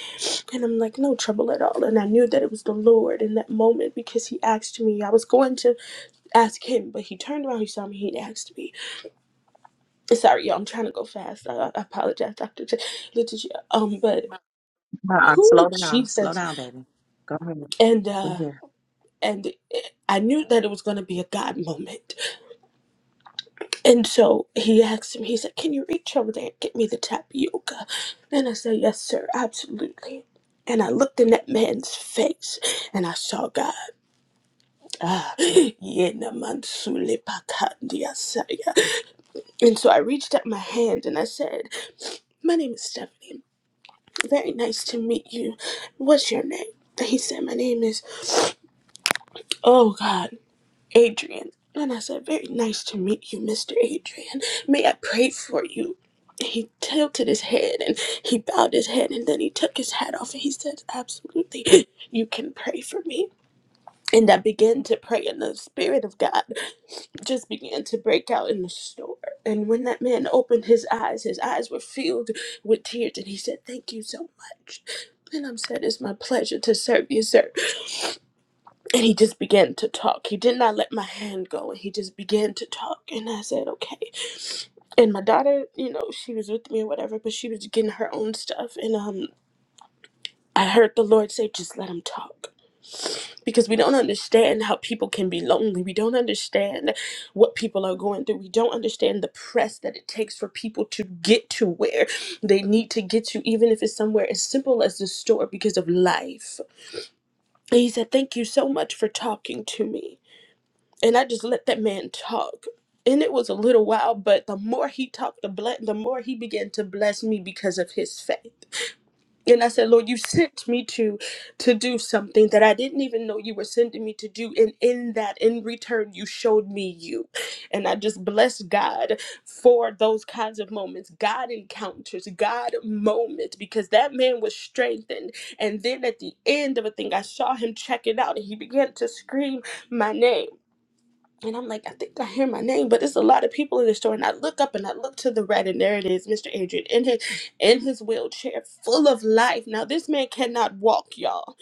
And I'm like, No trouble at all. And I knew that it was the Lord in that moment because he asked me. I was going to ask him, but he turned around, he saw me, he asked me. Sorry, y'all, I'm trying to go fast. I, I apologize, Dr. J- Letitia. Um, but Uh-uh. Slow who down. Slow Jesus. down, baby. Go ahead. And uh and I knew that it was gonna be a God moment. And so he asked me, he said, Can you reach over there and get me the tapioca? And I said, Yes, sir, absolutely. And I looked in that man's face and I saw God. Ah, yena mansule pakandia saya. And so I reached out my hand and I said, My name is Stephanie. Very nice to meet you. What's your name? And He said, My name is, oh God. Adrian. And I said, Very nice to meet you, Mr. Adrian. May I pray for you? He tilted his head and he bowed his head and then he took his hat off and he said, Absolutely, you can pray for me. And I began to pray, and the Spirit of God just began to break out in the store. And when that man opened his eyes, his eyes were filled with tears, and he said, Thank you so much. And I said, It's my pleasure to serve you, sir. And he just began to talk. He did not let my hand go. And he just began to talk. And I said, okay. And my daughter, you know, she was with me or whatever, but she was getting her own stuff. And um, I heard the Lord say, just let him talk. Because we don't understand how people can be lonely. We don't understand what people are going through. We don't understand the press that it takes for people to get to where they need to get to, even if it's somewhere as simple as the store because of life. And he said, Thank you so much for talking to me. and I just let that man talk. And it was a little while, but the more he talked, the ble- the more he began to bless me because of his faith. And I said, Lord, you sent me to to do something that I didn't even know you were sending me to do. And in that, in return, you showed me you. And I just bless God for those kinds of moments, God encounters, God moments, because that man was strengthened. And then at the end of a thing, I saw him check it out and he began to scream my name and I'm like, I think I hear my name, but it's a lot of people in the store. And I look up and I look to the right, and there it is, Mr. Adrian in his in his wheelchair, full of life. Now this man cannot walk, y'all,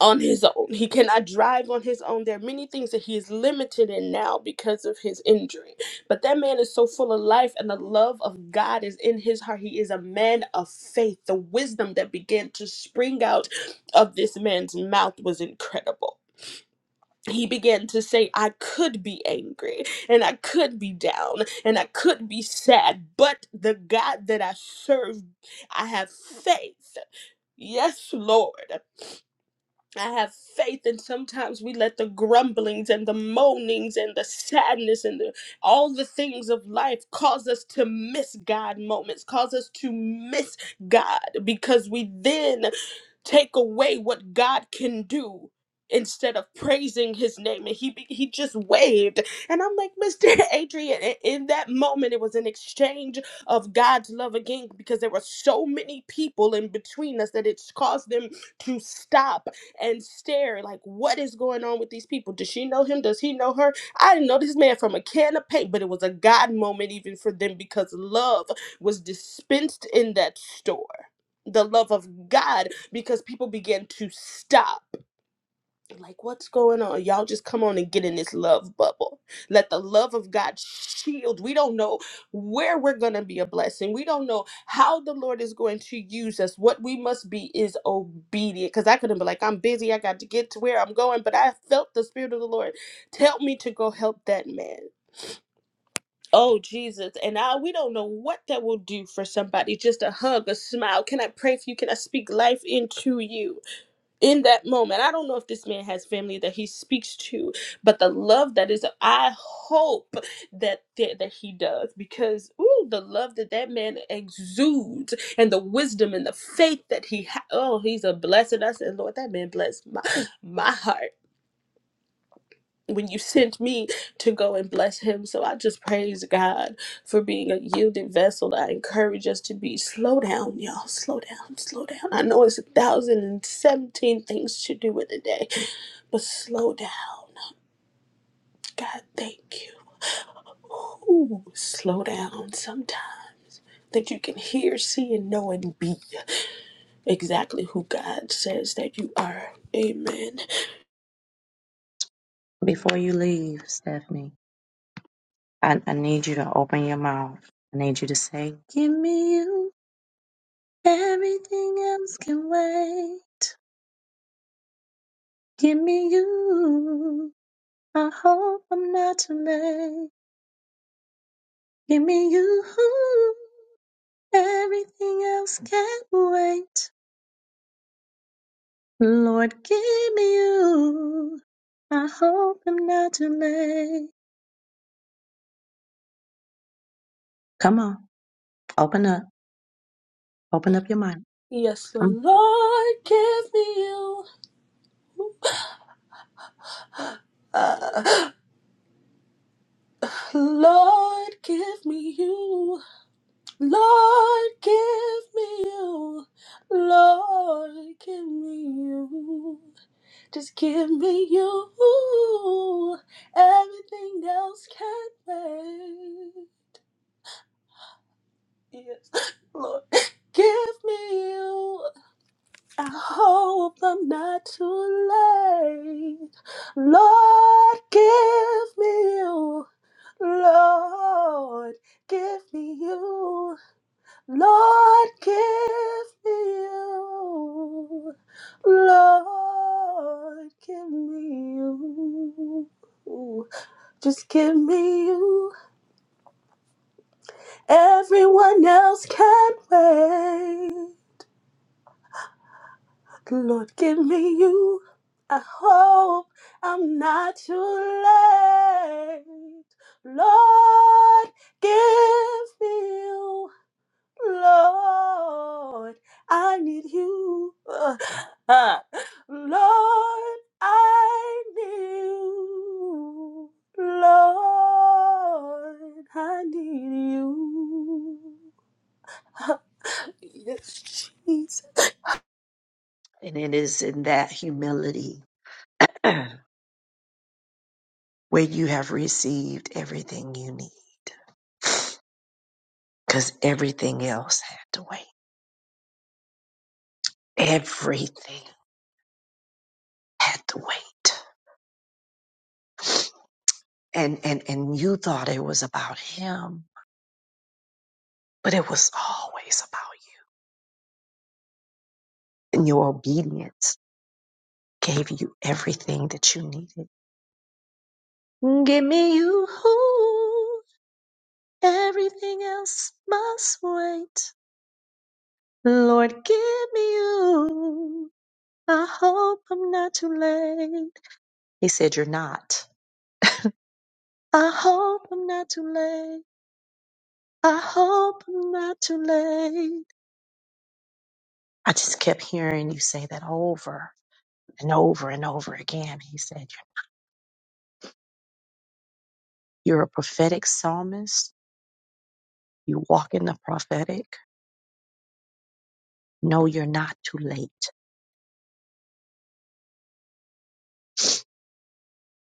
on his own. He cannot drive on his own. There are many things that he is limited in now because of his injury. But that man is so full of life, and the love of God is in his heart. He is a man of faith. The wisdom that began to spring out of this man's mouth was incredible he began to say, I could be angry and I could be down and I could be sad, but the God that I serve, I have faith. Yes, Lord. I have faith, and sometimes we let the grumblings and the moanings and the sadness and the, all the things of life cause us to miss God moments, cause us to miss God because we then take away what God can do instead of praising his name and he be- he just waved and I'm like Mr. Adrian i- in that moment it was an exchange of God's love again because there were so many people in between us that it's caused them to stop and stare like what is going on with these people does she know him does he know her I didn't know this man from a can of paint but it was a God moment even for them because love was dispensed in that store the love of God because people begin to stop. Like, what's going on? Y'all just come on and get in this love bubble. Let the love of God shield. We don't know where we're going to be a blessing. We don't know how the Lord is going to use us. What we must be is obedient. Because I couldn't be like, I'm busy. I got to get to where I'm going. But I felt the Spirit of the Lord tell me to go help that man. Oh Jesus, and I we don't know what that will do for somebody. Just a hug, a smile. Can I pray for you? Can I speak life into you in that moment? I don't know if this man has family that he speaks to, but the love that is, I hope that that, that he does because ooh, the love that that man exudes and the wisdom and the faith that he ha- oh, he's a blessing. I said, Lord, that man bless my my heart when you sent me to go and bless him. So I just praise God for being a yielded vessel. I encourage us to be slow down, y'all. Slow down, slow down. I know it's a thousand and seventeen things to do in a day, but slow down. God, thank you. Ooh, slow down sometime. That you can hear, see, and know, and be exactly who God says that you are. Amen. Before you leave, Stephanie, I, I need you to open your mouth. I need you to say, Give me you. Everything else can wait. Give me you. I hope I'm not too late. Give me you. Everything else can wait. Lord, give me you. I hope I'm not too late. Come on, open up. Open up your mind. Yes, Come on. Lord, give me you. Uh, Lord, give me you. Lord, give me you. Lord, give me you. Just give me you. Everything else can wait. Yes, Lord, give me you. I hope I'm not too late. Lord, give me you. Lord, give me you. Lord, give me you. Lord, give me you. Just give me you. Everyone else can wait. Lord, give me you. I hope I'm not too late. Lord, give me you. Lord, I need you. Ah. Lord, I need you. Lord, I need you. Yes, And it is in that humility where you have received everything you need. Because everything else had to wait. Everything had to wait. And, and, and you thought it was about him, but it was always about you. And your obedience gave you everything that you needed. Give me you. Everything else must wait. Lord, give me you. I hope I'm not too late. He said, You're not. I hope I'm not too late. I hope I'm not too late. I just kept hearing you say that over and over and over again. He said, You're a prophetic psalmist. You walk in the prophetic. No, you're not too late.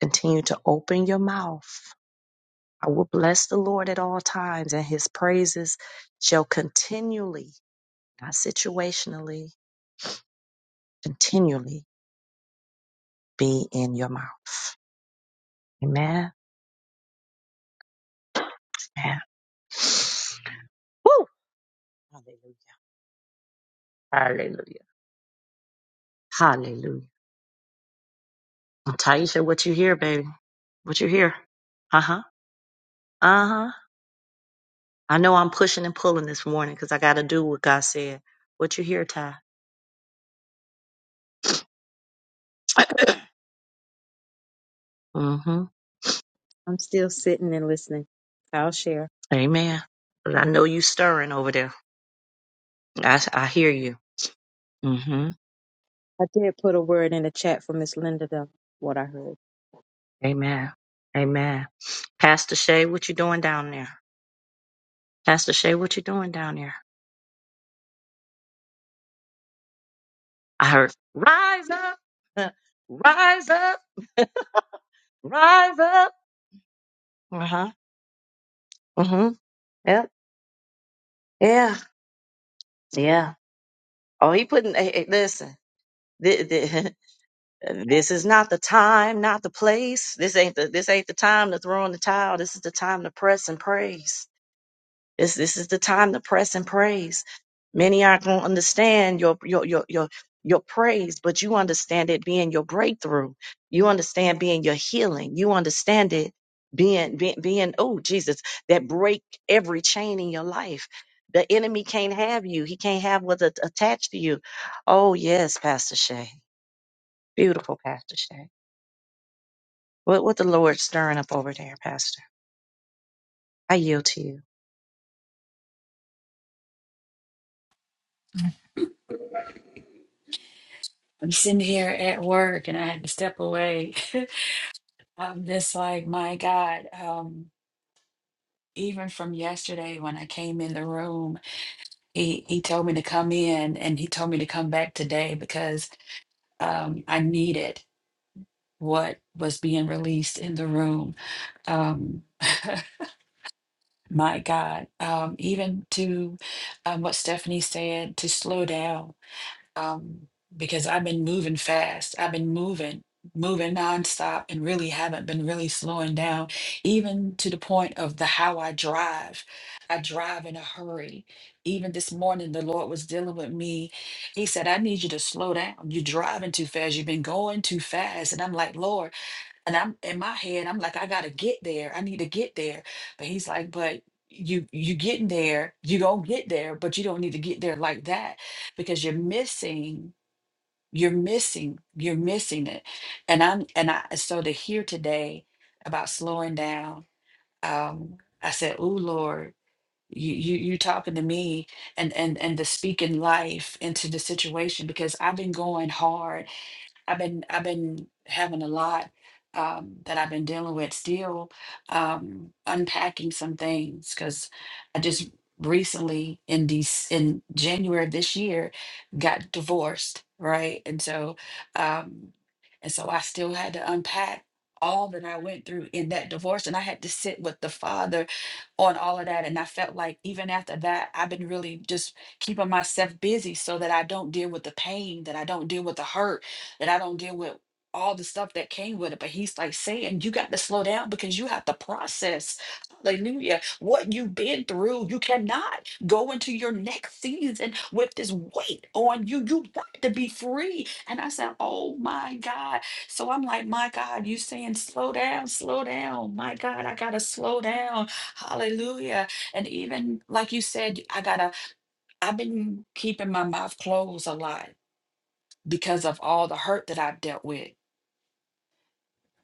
Continue to open your mouth. I will bless the Lord at all times, and his praises shall continually, not situationally, continually be in your mouth. Amen. Amen. Woo! Hallelujah. Hallelujah. Hallelujah. And Taisha, what you hear, baby? What you hear? Uh huh. Uh huh. I know I'm pushing and pulling this morning because I got to do what God said. What you hear, Ty? mm-hmm. I'm still sitting and listening. I'll share. Amen. But I know you stirring over there. I, I hear you. Mm-hmm. I did put a word in the chat for Miss Linda, though, what I heard. Amen. Amen. Pastor Shay, what you doing down there? Pastor Shay, what you doing down there? I heard, rise up, rise up, rise up. Uh huh. Yep. Yeah. Yeah. Oh, he putting. Hey, hey, listen. This, this is not the time, not the place. This ain't the. This ain't the time to throw in the towel. This is the time to press and praise. This this is the time to press and praise. Many aren't gonna understand your your your your your praise, but you understand it being your breakthrough. You understand being your healing. You understand it being being being oh Jesus that break every chain in your life. The enemy can't have you. He can't have what's at- attached to you. Oh yes, Pastor Shay, beautiful Pastor Shay. What what the Lord stirring up over there, Pastor? I yield to you. I'm sitting here at work and I had to step away. I'm just like, my God, um, even from yesterday when I came in the room, he he told me to come in and he told me to come back today because um, I needed what was being released in the room. Um, my God, um, even to um, what Stephanie said to slow down um, because I've been moving fast. I've been moving, moving nonstop, and really haven't been really slowing down, even to the point of the how I drive. I drive in a hurry. Even this morning, the Lord was dealing with me. He said, I need you to slow down. You're driving too fast. You've been going too fast. And I'm like, Lord, and I'm in my head, I'm like, I gotta get there. I need to get there. But he's like, but you you getting there, you gonna get there, but you don't need to get there like that because you're missing, you're missing, you're missing it. And I'm and I so to hear today about slowing down, um, I said, Ooh, Lord, you you you talking to me and and and to speak in life into the situation because I've been going hard I've been I've been having a lot um, that I've been dealing with still um, unpacking some things because I just recently in these in January of this year got divorced right and so um, and so I still had to unpack all that I went through in that divorce and I had to sit with the father on all of that and I felt like even after that I've been really just keeping myself busy so that I don't deal with the pain that I don't deal with the hurt that I don't deal with all the stuff that came with it. But he's like saying, you got to slow down because you have to process, hallelujah, what you've been through. You cannot go into your next season with this weight on you. You got to be free. And I said, oh my God. So I'm like, my God, you saying slow down, slow down. My God, I got to slow down. Hallelujah. And even like you said, I got to, I've been keeping my mouth closed a lot because of all the hurt that I've dealt with.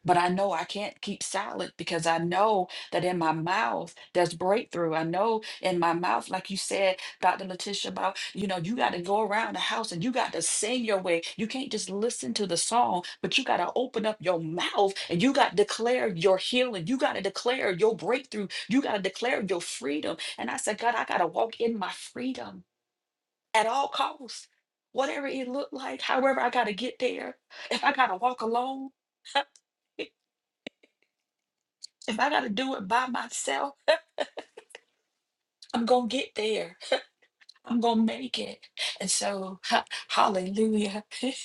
But I know I can't keep silent because I know that in my mouth there's breakthrough. I know in my mouth, like you said, Dr. Letitia, about you know, you got to go around the house and you got to sing your way. You can't just listen to the song, but you got to open up your mouth and you got to declare your healing. You got to declare your breakthrough. You got to declare your freedom. And I said, God, I got to walk in my freedom at all costs, whatever it looked like, however I got to get there. If I got to walk alone. If I got to do it by myself, I'm going to get there. I'm going to make it. And so, ha- hallelujah.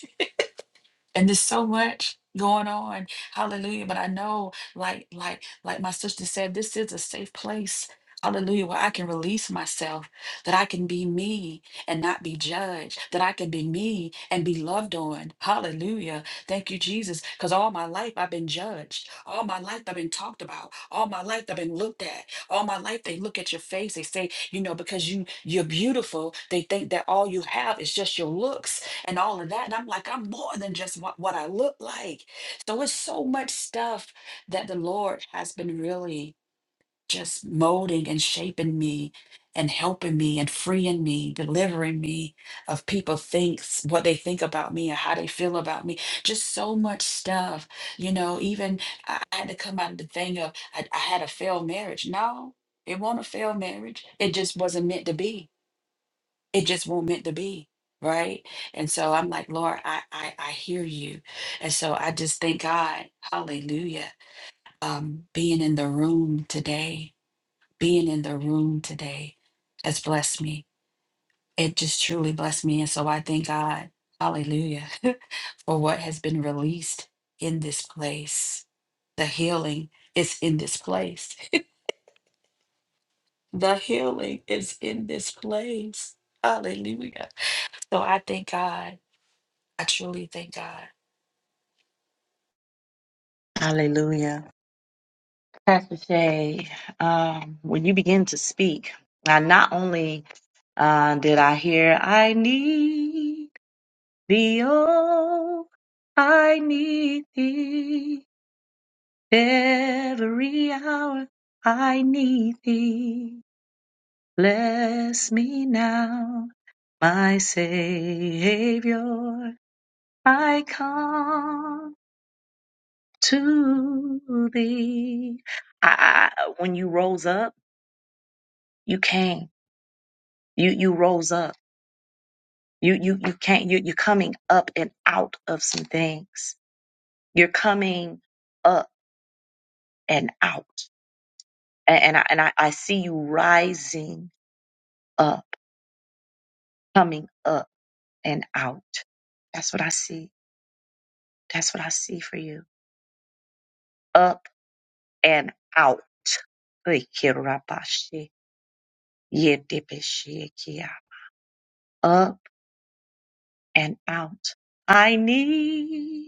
and there's so much going on hallelujah but i know like like like my sister said this is a safe place hallelujah where i can release myself that i can be me and not be judged that i can be me and be loved on hallelujah thank you jesus because all my life i've been judged all my life i've been talked about all my life i've been looked at all my life they look at your face they say you know because you you're beautiful they think that all you have is just your looks and all of that. And I'm like, I'm more than just what, what I look like. So it's so much stuff that the Lord has been really just molding and shaping me and helping me and freeing me, delivering me of people thinks what they think about me and how they feel about me. Just so much stuff. You know, even I, I had to come out of the thing of I, I had a failed marriage. No, it wasn't a failed marriage. It just wasn't meant to be it just won't meant to be right and so i'm like lord i i, I hear you and so i just thank god hallelujah um being in the room today being in the room today has blessed me it just truly blessed me and so i thank god hallelujah for what has been released in this place the healing is in this place the healing is in this place hallelujah so i thank god I truly thank God. Hallelujah. Pastor Shay, um, when you begin to speak, I not only uh, did I hear, I need thee, oh, I need thee every hour, I need thee. Bless me now, my Savior, I come to thee. I, I, when you rose up, you came. You you rose up. You you you can't you you're coming up and out of some things. You're coming up and out. And, and I and I, I see you rising up, coming up and out. That's what I see. That's what I see for you. Up and out. Ikirabashi, yedibishikia. Up and out. I need.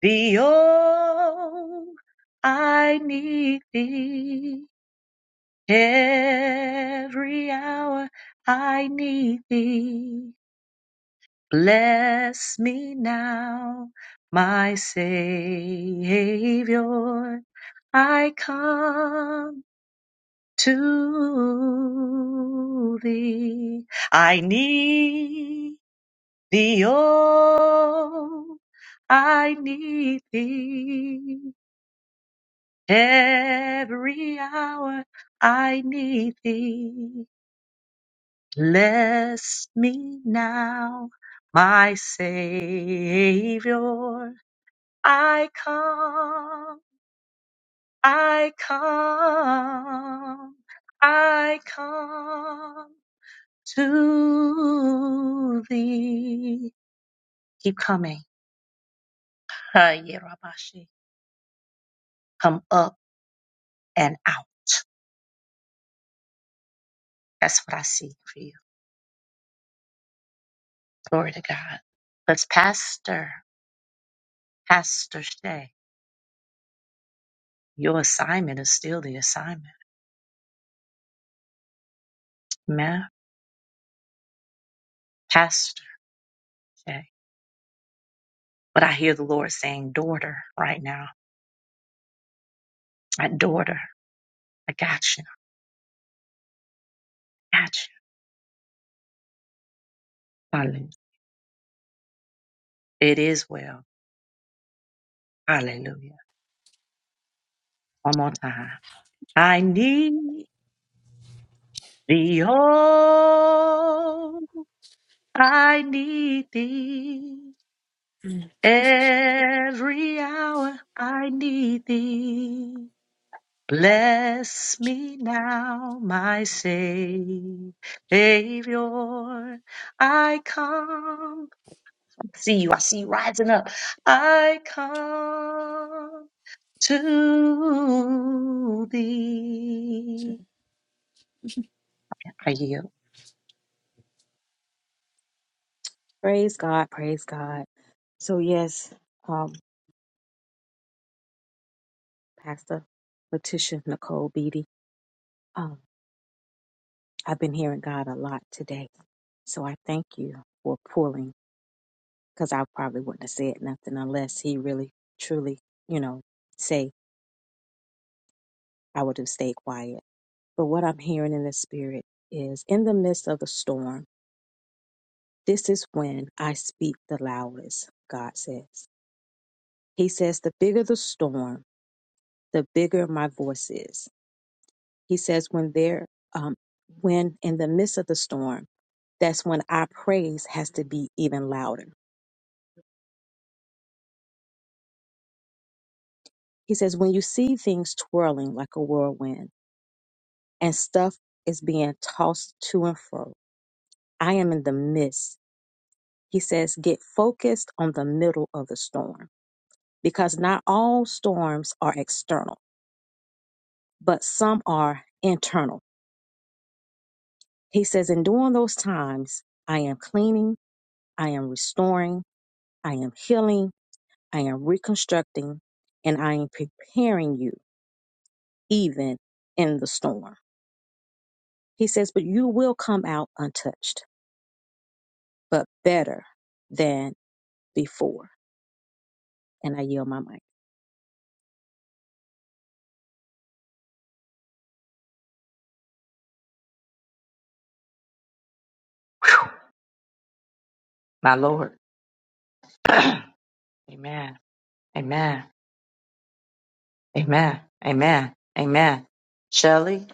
Be all I need thee. Every hour I need thee. Bless me now, my Savior. I come to thee. I need thee, oh, I need thee. Every hour I need thee. Bless me now, my Savior. I come, I come, I come to thee. Keep coming. Hi, Yerabashi. Come up and out. That's what I see for you. Glory to God. Let's pastor. Pastor Shay, your assignment is still the assignment. Amen. Pastor Shay. But I hear the Lord saying, daughter, right now. My daughter, I got you. Got you. Hallelujah. It is well. Hallelujah. One more time. I need thee, oh, I need thee. Mm. Every hour I need thee. Bless me now, my Savior. I come. See you. I see you rising up. I come to thee. I yield. Praise God. Praise God. So, yes, um, Pastor Letitia Nicole Beatty. um, I've been hearing God a lot today. So I thank you for pulling because I probably wouldn't have said nothing unless he really, truly, you know, say I would have stayed quiet. But what I'm hearing in the spirit is in the midst of the storm, this is when I speak the loudest, God says. He says, the bigger the storm, the bigger my voice is. He says, when there, um, when in the midst of the storm, that's when our praise has to be even louder He says, when you see things twirling like a whirlwind and stuff is being tossed to and fro, I am in the midst. He says, get focused on the middle of the storm because not all storms are external, but some are internal. He says, in during those times, I am cleaning, I am restoring, I am healing, I am reconstructing, and I am preparing you even in the storm. He says, but you will come out untouched but better than before. And I yield my mic. Whew. My Lord. Amen. Amen. Amen. Amen. Amen. Shelley.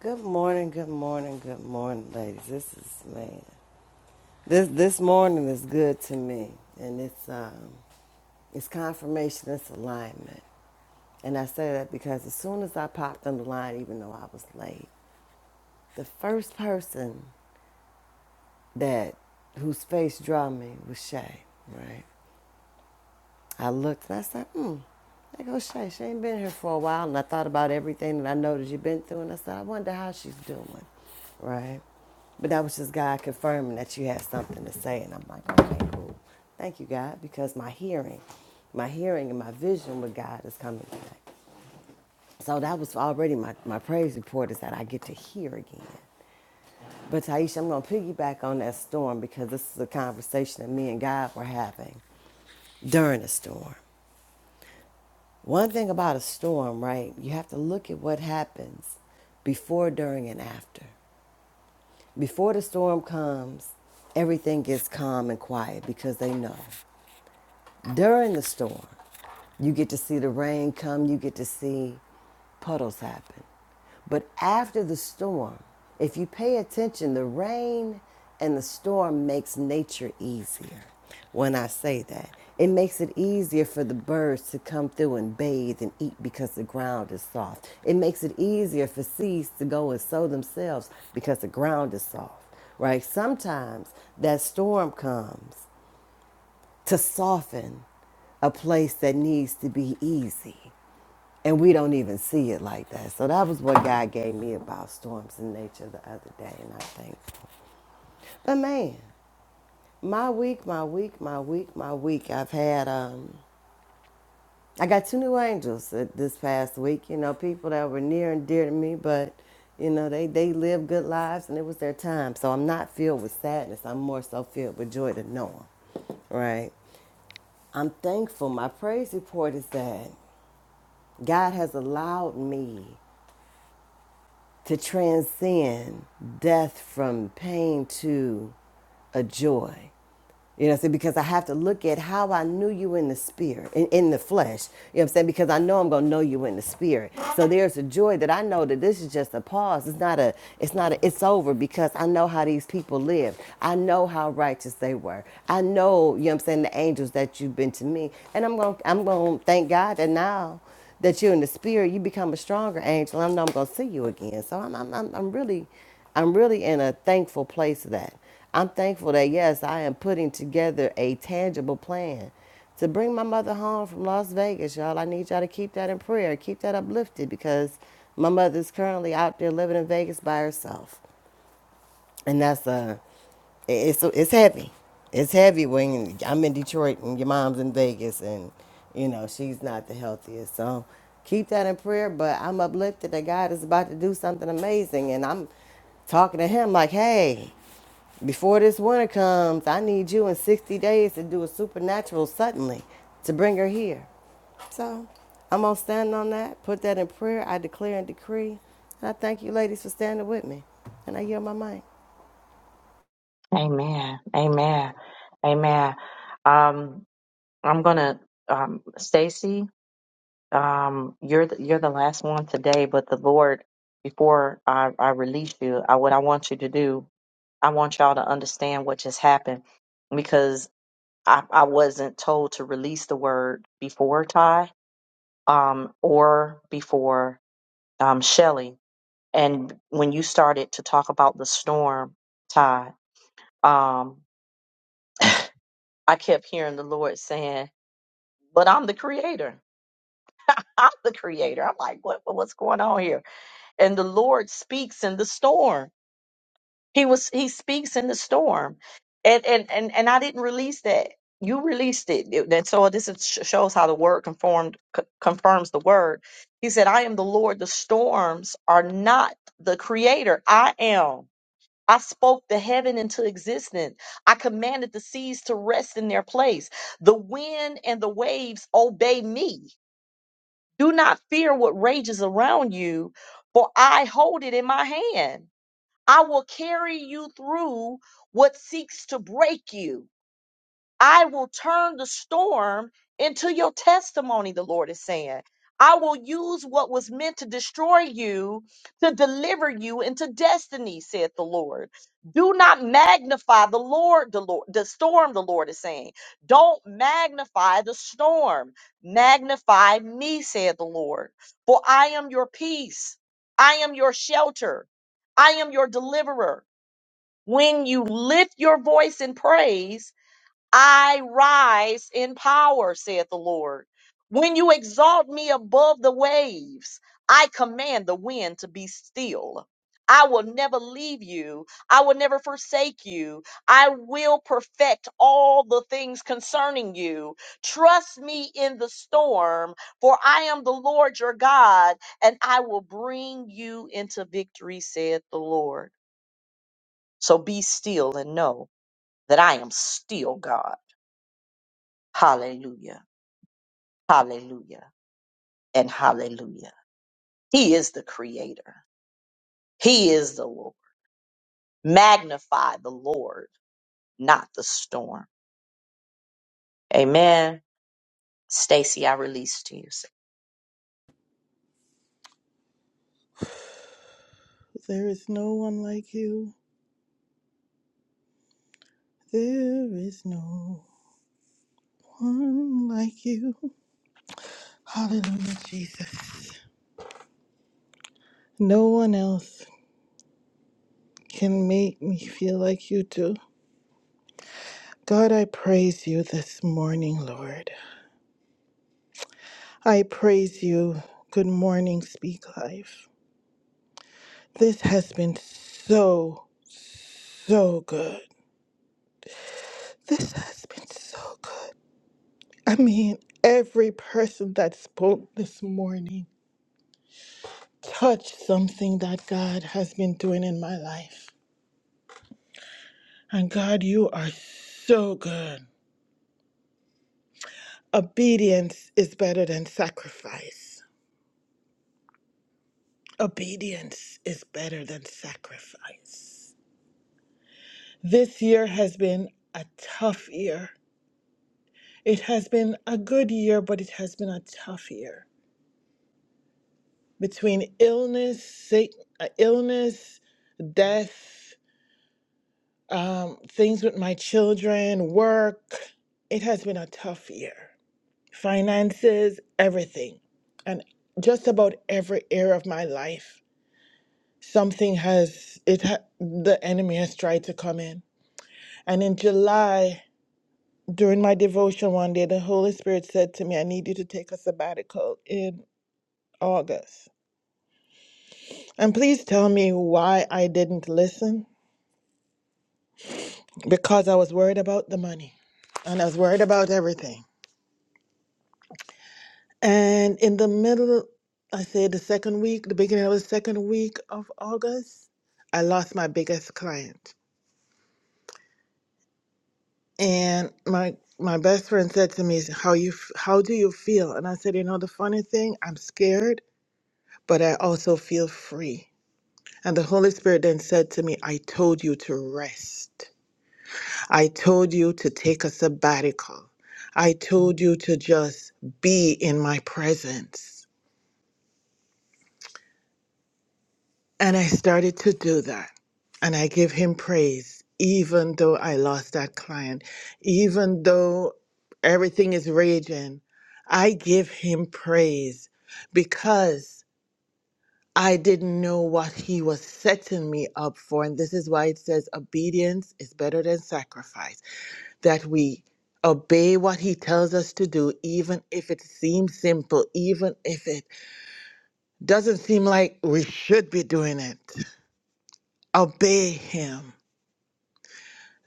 Good morning, good morning, good morning, ladies. This is man. This this morning is good to me, and it's um it's confirmation, it's alignment, and I say that because as soon as I popped on the line, even though I was late, the first person that whose face drew me was Shay, right? I looked and I said, hmm, there goes Shay. She ain't been here for a while. And I thought about everything that I know that you've been through. And I said, I wonder how she's doing, right? But that was just God confirming that you had something to say. And I'm like, okay, cool. Thank you, God, because my hearing, my hearing and my vision with God is coming back. So that was already my, my praise report is that I get to hear again. But Taisha, I'm going to piggyback on that storm because this is a conversation that me and God were having during the storm. One thing about a storm, right? You have to look at what happens before, during, and after. Before the storm comes, everything gets calm and quiet because they know. During the storm, you get to see the rain come, you get to see puddles happen. But after the storm, if you pay attention, the rain and the storm makes nature easier. When I say that, it makes it easier for the birds to come through and bathe and eat because the ground is soft. It makes it easier for seeds to go and sow themselves because the ground is soft right? Sometimes that storm comes to soften a place that needs to be easy. And we don't even see it like that. So that was what God gave me about storms in nature the other day. And I think, but man, my week, my week, my week, my week. I've had, um, I got two new angels uh, this past week. You know, people that were near and dear to me, but you know, they they lived good lives and it was their time. So I'm not filled with sadness. I'm more so filled with joy to know them right? I'm thankful. My praise report is that God has allowed me to transcend death from pain to a joy. You know what I'm saying? Because I have to look at how I knew you in the spirit, in, in the flesh. You know what I'm saying? Because I know I'm gonna know you in the spirit. So there's a joy that I know that this is just a pause. It's not a, it's not a, it's over because I know how these people lived. I know how righteous they were. I know, you know what I'm saying, the angels that you've been to me. And I'm gonna I'm gonna thank God that now that you're in the spirit, you become a stronger angel. I know I'm gonna see you again. So I'm I'm I'm, I'm really I'm really in a thankful place of that. I'm thankful that yes, I am putting together a tangible plan to bring my mother home from Las Vegas, y'all. I need y'all to keep that in prayer, keep that uplifted because my mother's currently out there living in Vegas by herself. And that's uh it's it's heavy. It's heavy when I'm in Detroit and your mom's in Vegas and you know, she's not the healthiest. So keep that in prayer, but I'm uplifted that God is about to do something amazing and I'm talking to him like, hey, before this winter comes, I need you in 60 days to do a supernatural suddenly to bring her here. So I'm going to stand on that, put that in prayer. I declare and decree. And I thank you, ladies, for standing with me. And I yield my mic. Amen. Amen. Amen. Um, I'm gonna um Stacy. um, you're the, you're the last one today, but the Lord, before I, I release you, I, what I want you to do, I want y'all to understand what just happened because I, I wasn't told to release the word before Ty um, or before um, Shelly. And when you started to talk about the storm, Ty, um, I kept hearing the Lord saying, but I'm the creator. I'm the creator. I'm like, what, what's going on here? and the Lord speaks in the storm. He was he speaks in the storm, and and and and I didn't release that. You released it. It- That so this is, sh- shows how the word conformed co- confirms the word. He said, "I am the Lord. The storms are not the creator. I am." I spoke the heaven into existence. I commanded the seas to rest in their place. The wind and the waves obey me. Do not fear what rages around you, for I hold it in my hand. I will carry you through what seeks to break you. I will turn the storm into your testimony, the Lord is saying. I will use what was meant to destroy you to deliver you into destiny, saith the Lord. Do not magnify the Lord, the Lord, the storm, the Lord is saying. Don't magnify the storm. Magnify me, saith the Lord. For I am your peace. I am your shelter. I am your deliverer. When you lift your voice in praise, I rise in power, saith the Lord. When you exalt me above the waves, I command the wind to be still. I will never leave you. I will never forsake you. I will perfect all the things concerning you. Trust me in the storm, for I am the Lord your God, and I will bring you into victory, saith the Lord. So be still and know that I am still God. Hallelujah. Hallelujah. And hallelujah. He is the creator. He is the Lord. Magnify the Lord, not the storm. Amen. Stacy, I release to you. There is no one like you. There is no one like you. Hallelujah, Jesus. No one else can make me feel like you do. God, I praise you this morning, Lord. I praise you. Good morning, Speak Life. This has been so, so good. This has been so good. I mean, every person that spoke this morning. touch something that God has been doing in my life. And God, you are so good. Obedience is better than sacrifice. Obedience is better than sacrifice. This year has been a tough year. It has been a good year, but it has been a tough year. Between illness, sick, uh, illness, death, um, things with my children, work, it has been a tough year. finances, everything. And just about every area of my life, something has, it ha- the enemy has tried to come in. And in July, during my devotion one day, the Holy Spirit said to me, I need you to take a sabbatical in August. And please tell me why I didn't listen because I was worried about the money and I was worried about everything. And in the middle, I say the second week, the beginning of the second week of August, I lost my biggest client. And my my best friend said to me, "How you f- how do you feel?" And I said, "You know, the funny thing, I'm scared, but I also feel free." And the Holy Spirit then said to me, "I told you to rest. I told you to take a sabbatical. I told you to just be in my presence." And I started to do that. And I give him praise, even though I lost that client, even though everything is raging. I give him praise because I didn't know what he was setting me up for. And this is why it says obedience is better than sacrifice, that we obey what he tells us to do, even if it seems simple, even if it doesn't seem like we should be doing it. Obey him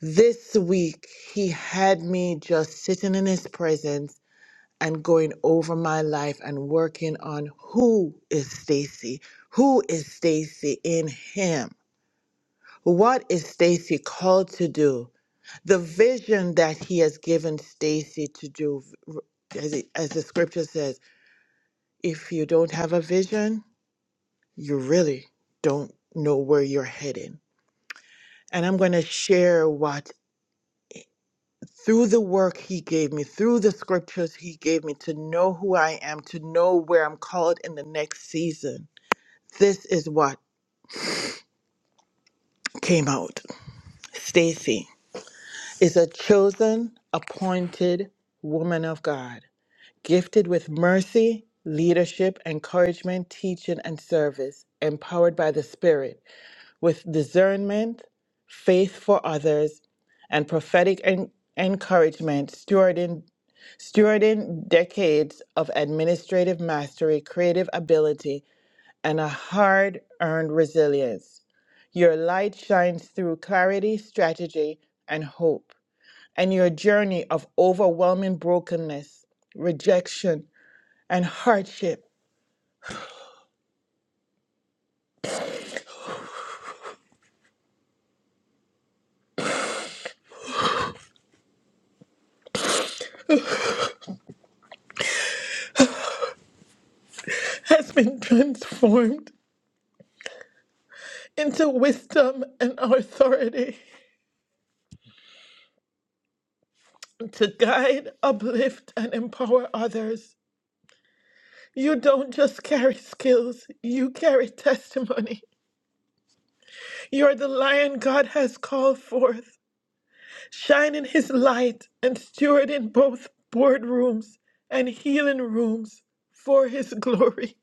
This week, he had me just sitting in his presence and going over my life and working on who is Stacy? Who is Stacy in him? What is Stacy called to do? The vision that he has given Stacy to do, as, it, as the scripture says, if you don't have a vision, you really don't know where you're heading. And I'm going to share what through the work he gave me, through the scriptures he gave me to know who I am, to know where I'm called in the next season. This is what came out. Stacy is a chosen, appointed woman of God, gifted with mercy, leadership, encouragement, teaching, and service, empowered by the Spirit, with discernment, faith for others, and prophetic en- encouragement, stewarding Stewarding decades of administrative mastery, creative ability, and a hard earned resilience. Your light shines through clarity, strategy, and hope. And your journey of overwhelming brokenness, rejection, and hardship has been transformed into wisdom and authority to guide, uplift, and empower others. You don't just carry skills, you carry testimony You're the lion God has called forth. Shine in his light and steward in both boardrooms and healing rooms for his glory.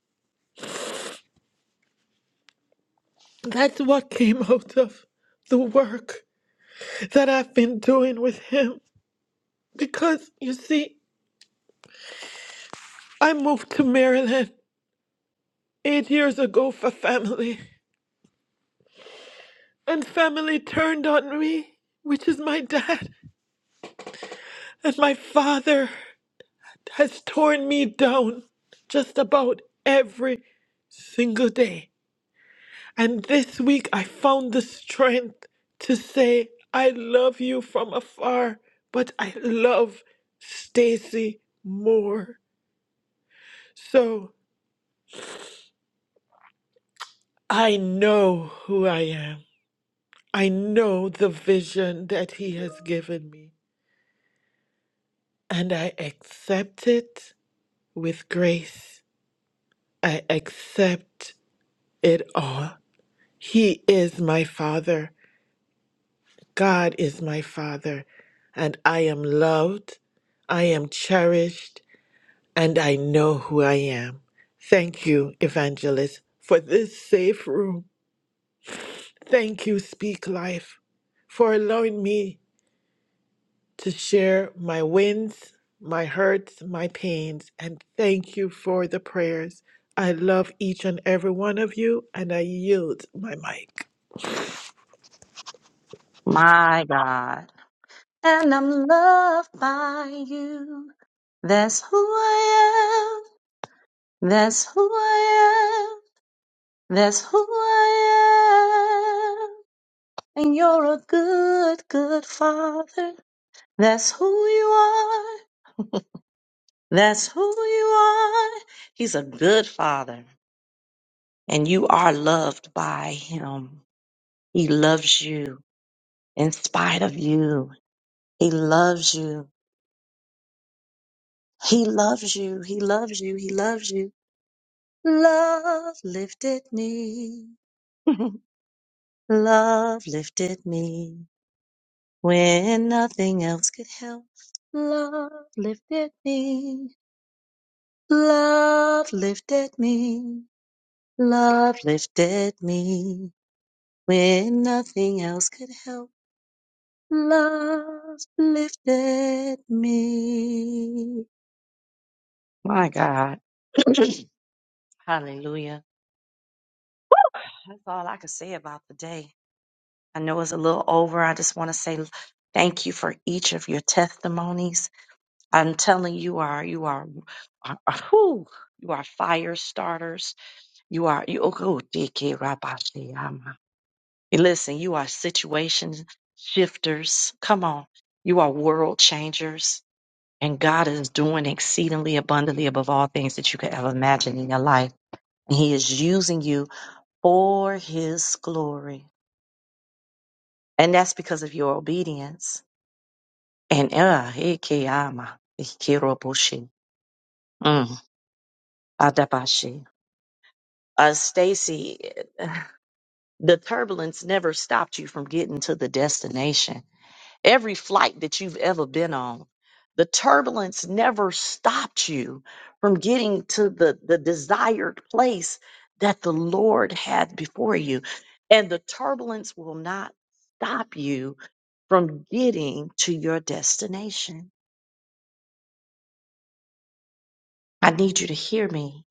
That's what came out of the work that I've been doing with him. Because, you see, I moved to Maryland eight years ago for family, and family turned on me, which is my dad and my father. has torn me down just about every single day. And this week I found the strength to say, I love you from afar, but I love Stacy more. So I know who I am. I know the vision that he has given me. And I accept it with grace. I accept it all. He is my father. God is my Father, and I am loved, I am cherished, and I know who I am. Thank you, Evangelist, for this safe room. Thank you, Speak Life, for allowing me to share my wins, my hurts, my pains, and thank you for the prayers. I love each and every one of you, and I yield my mic. My God. And I'm loved by you. That's who I am. That's who I am. That's who I am. And you're a good, good father. That's who you are. That's who you are. He's a good father, and you are loved by him. He loves you in spite of you. He loves you. He loves you. He loves you. He loves you. Love lifted me. Love lifted me when nothing else could help. Love lifted me. Love lifted me. Love lifted me when nothing else could help. Love lifted me. My God. Hallelujah. That's all I can say about the day. I know it's a little over. I just want to say thank you for each of your testimonies. I'm telling you you are you are, are, are whew, you are fire starters. You are you oh, Listen, you are situation shifters. Come on. You are world changers. And God is doing exceedingly abundantly above all things that you could ever imagine in your life. And He is using you for His glory. And that's because of your obedience. And uh, ikiyama, ikirobushi, mm, adabashi. uh, Stacy, the turbulence never stopped you from getting to the destination every flight that you've ever been on. The turbulence never stopped you from getting to the, the desired place that the Lord had before you. And the turbulence will not stop you from getting to your destination. I need you to hear me.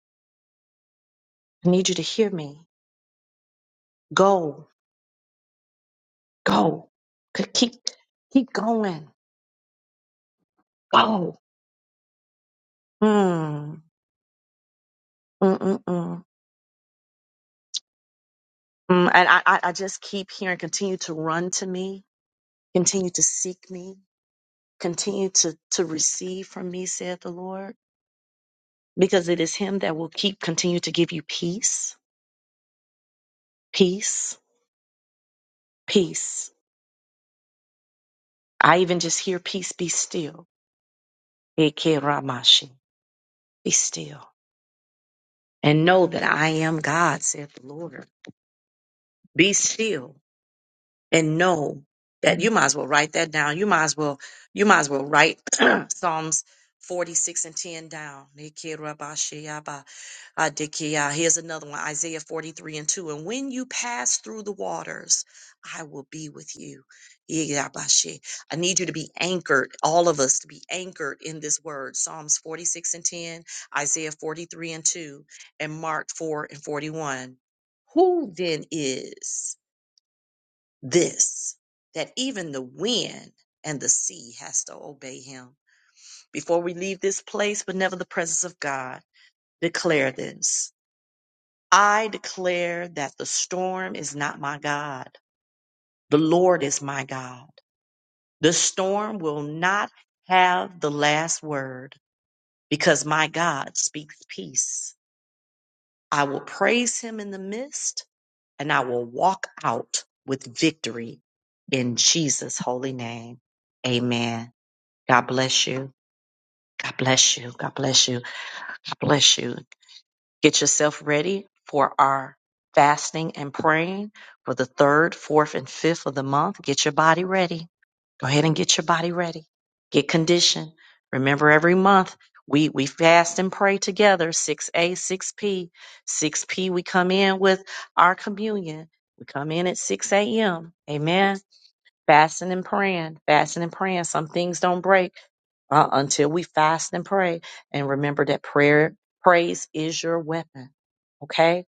I need you to hear me. Go, go, K- keep, keep going, go. Mm, mm, mm, mm. Mm, and I, I I just keep hearing, continue to run to me Continue to seek me. Continue to, to receive from me, saith the Lord, because it is Him that will keep, continue to give you peace, peace, peace. I even just hear peace be still. Eke Ramashi. Be still and know that I am God, saith the Lord. Be still and know that you might as well write that down. You might as well you might as well write Psalms 46 and 10 down. Nikerabashiyaba, adikiya. Here's another one, Isaiah 43 and 2. And when you pass through the waters, I will be with you. Iyabashī. I need you to be anchored, all of us to be anchored in this word. Psalms 46 and 10, Isaiah 43 and 2, and Mark 4 and 41. Who then is? this that even the wind and the sea has to obey him. Before we leave this place, but never the presence of God, declare this. I declare that the storm is not my God. The Lord is my God. The storm will not have the last word because my God speaks peace. I will praise him in the midst and I will walk out with victory in Jesus' holy name. Amen. God bless you. God bless you. God bless you. God bless you. Get yourself ready for our fasting and praying for the third, fourth, and fifth of the month. Get your body ready. Go ahead and get your body ready. Get conditioned. Remember, every month we, we fast and pray together 6A, 6P. 6P, we come in with our communion. We come in at 6 a.m. Amen fasting and praying, fasting and praying. Some things don't break uh, until we fast and pray. And remember that prayer, praise is your weapon. Okay.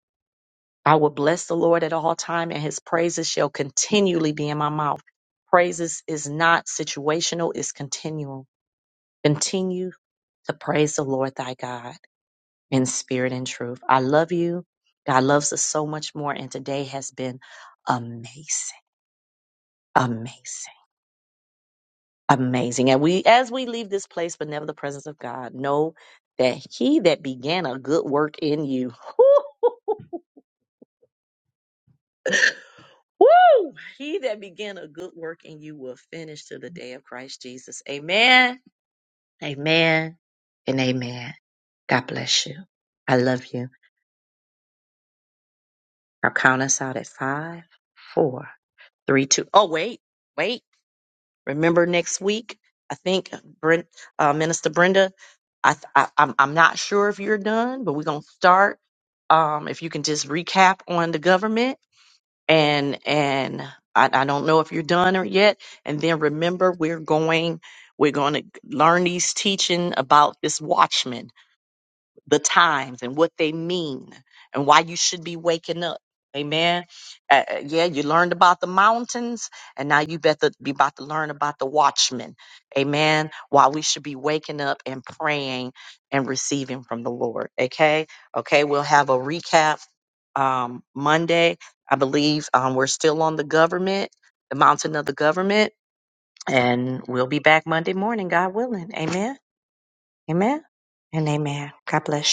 I will bless the Lord at all time and his praises shall continually be in my mouth. Praises is not situational, it's continual. Continue to praise the Lord thy God in spirit and truth. I love you. God loves us so much more. And today has been amazing, amazing. Amazing. And we, as we leave this place, but never the presence of God, know that he that began a good work in you, woo, he that began a good work in you will finish to the day of Christ Jesus. Amen. Amen. And amen. God bless you. I love you. Now count us out at five, four, three, two. Oh, wait, wait. Remember next week, I think Brent, uh, Minister Brenda, I, th- I I'm I'm not sure if you're done, but we're gonna start. Um, if you can just recap on the government and and I, I don't know if you're done or yet, and then remember we're going we're going to learn these teaching about this watchman the times and what they mean and why you should be waking up. Amen. Uh, uh, yeah, you learned about the mountains, and now you better be about to learn about the watchmen. Amen. Why we should be waking up and praying and receiving from the Lord. Okay. Okay. We'll have a recap um, Monday. I believe um, we're still on the government, the mountain of the government, and we'll be back Monday morning, God willing. Amen. Amen. And amen. God bless you.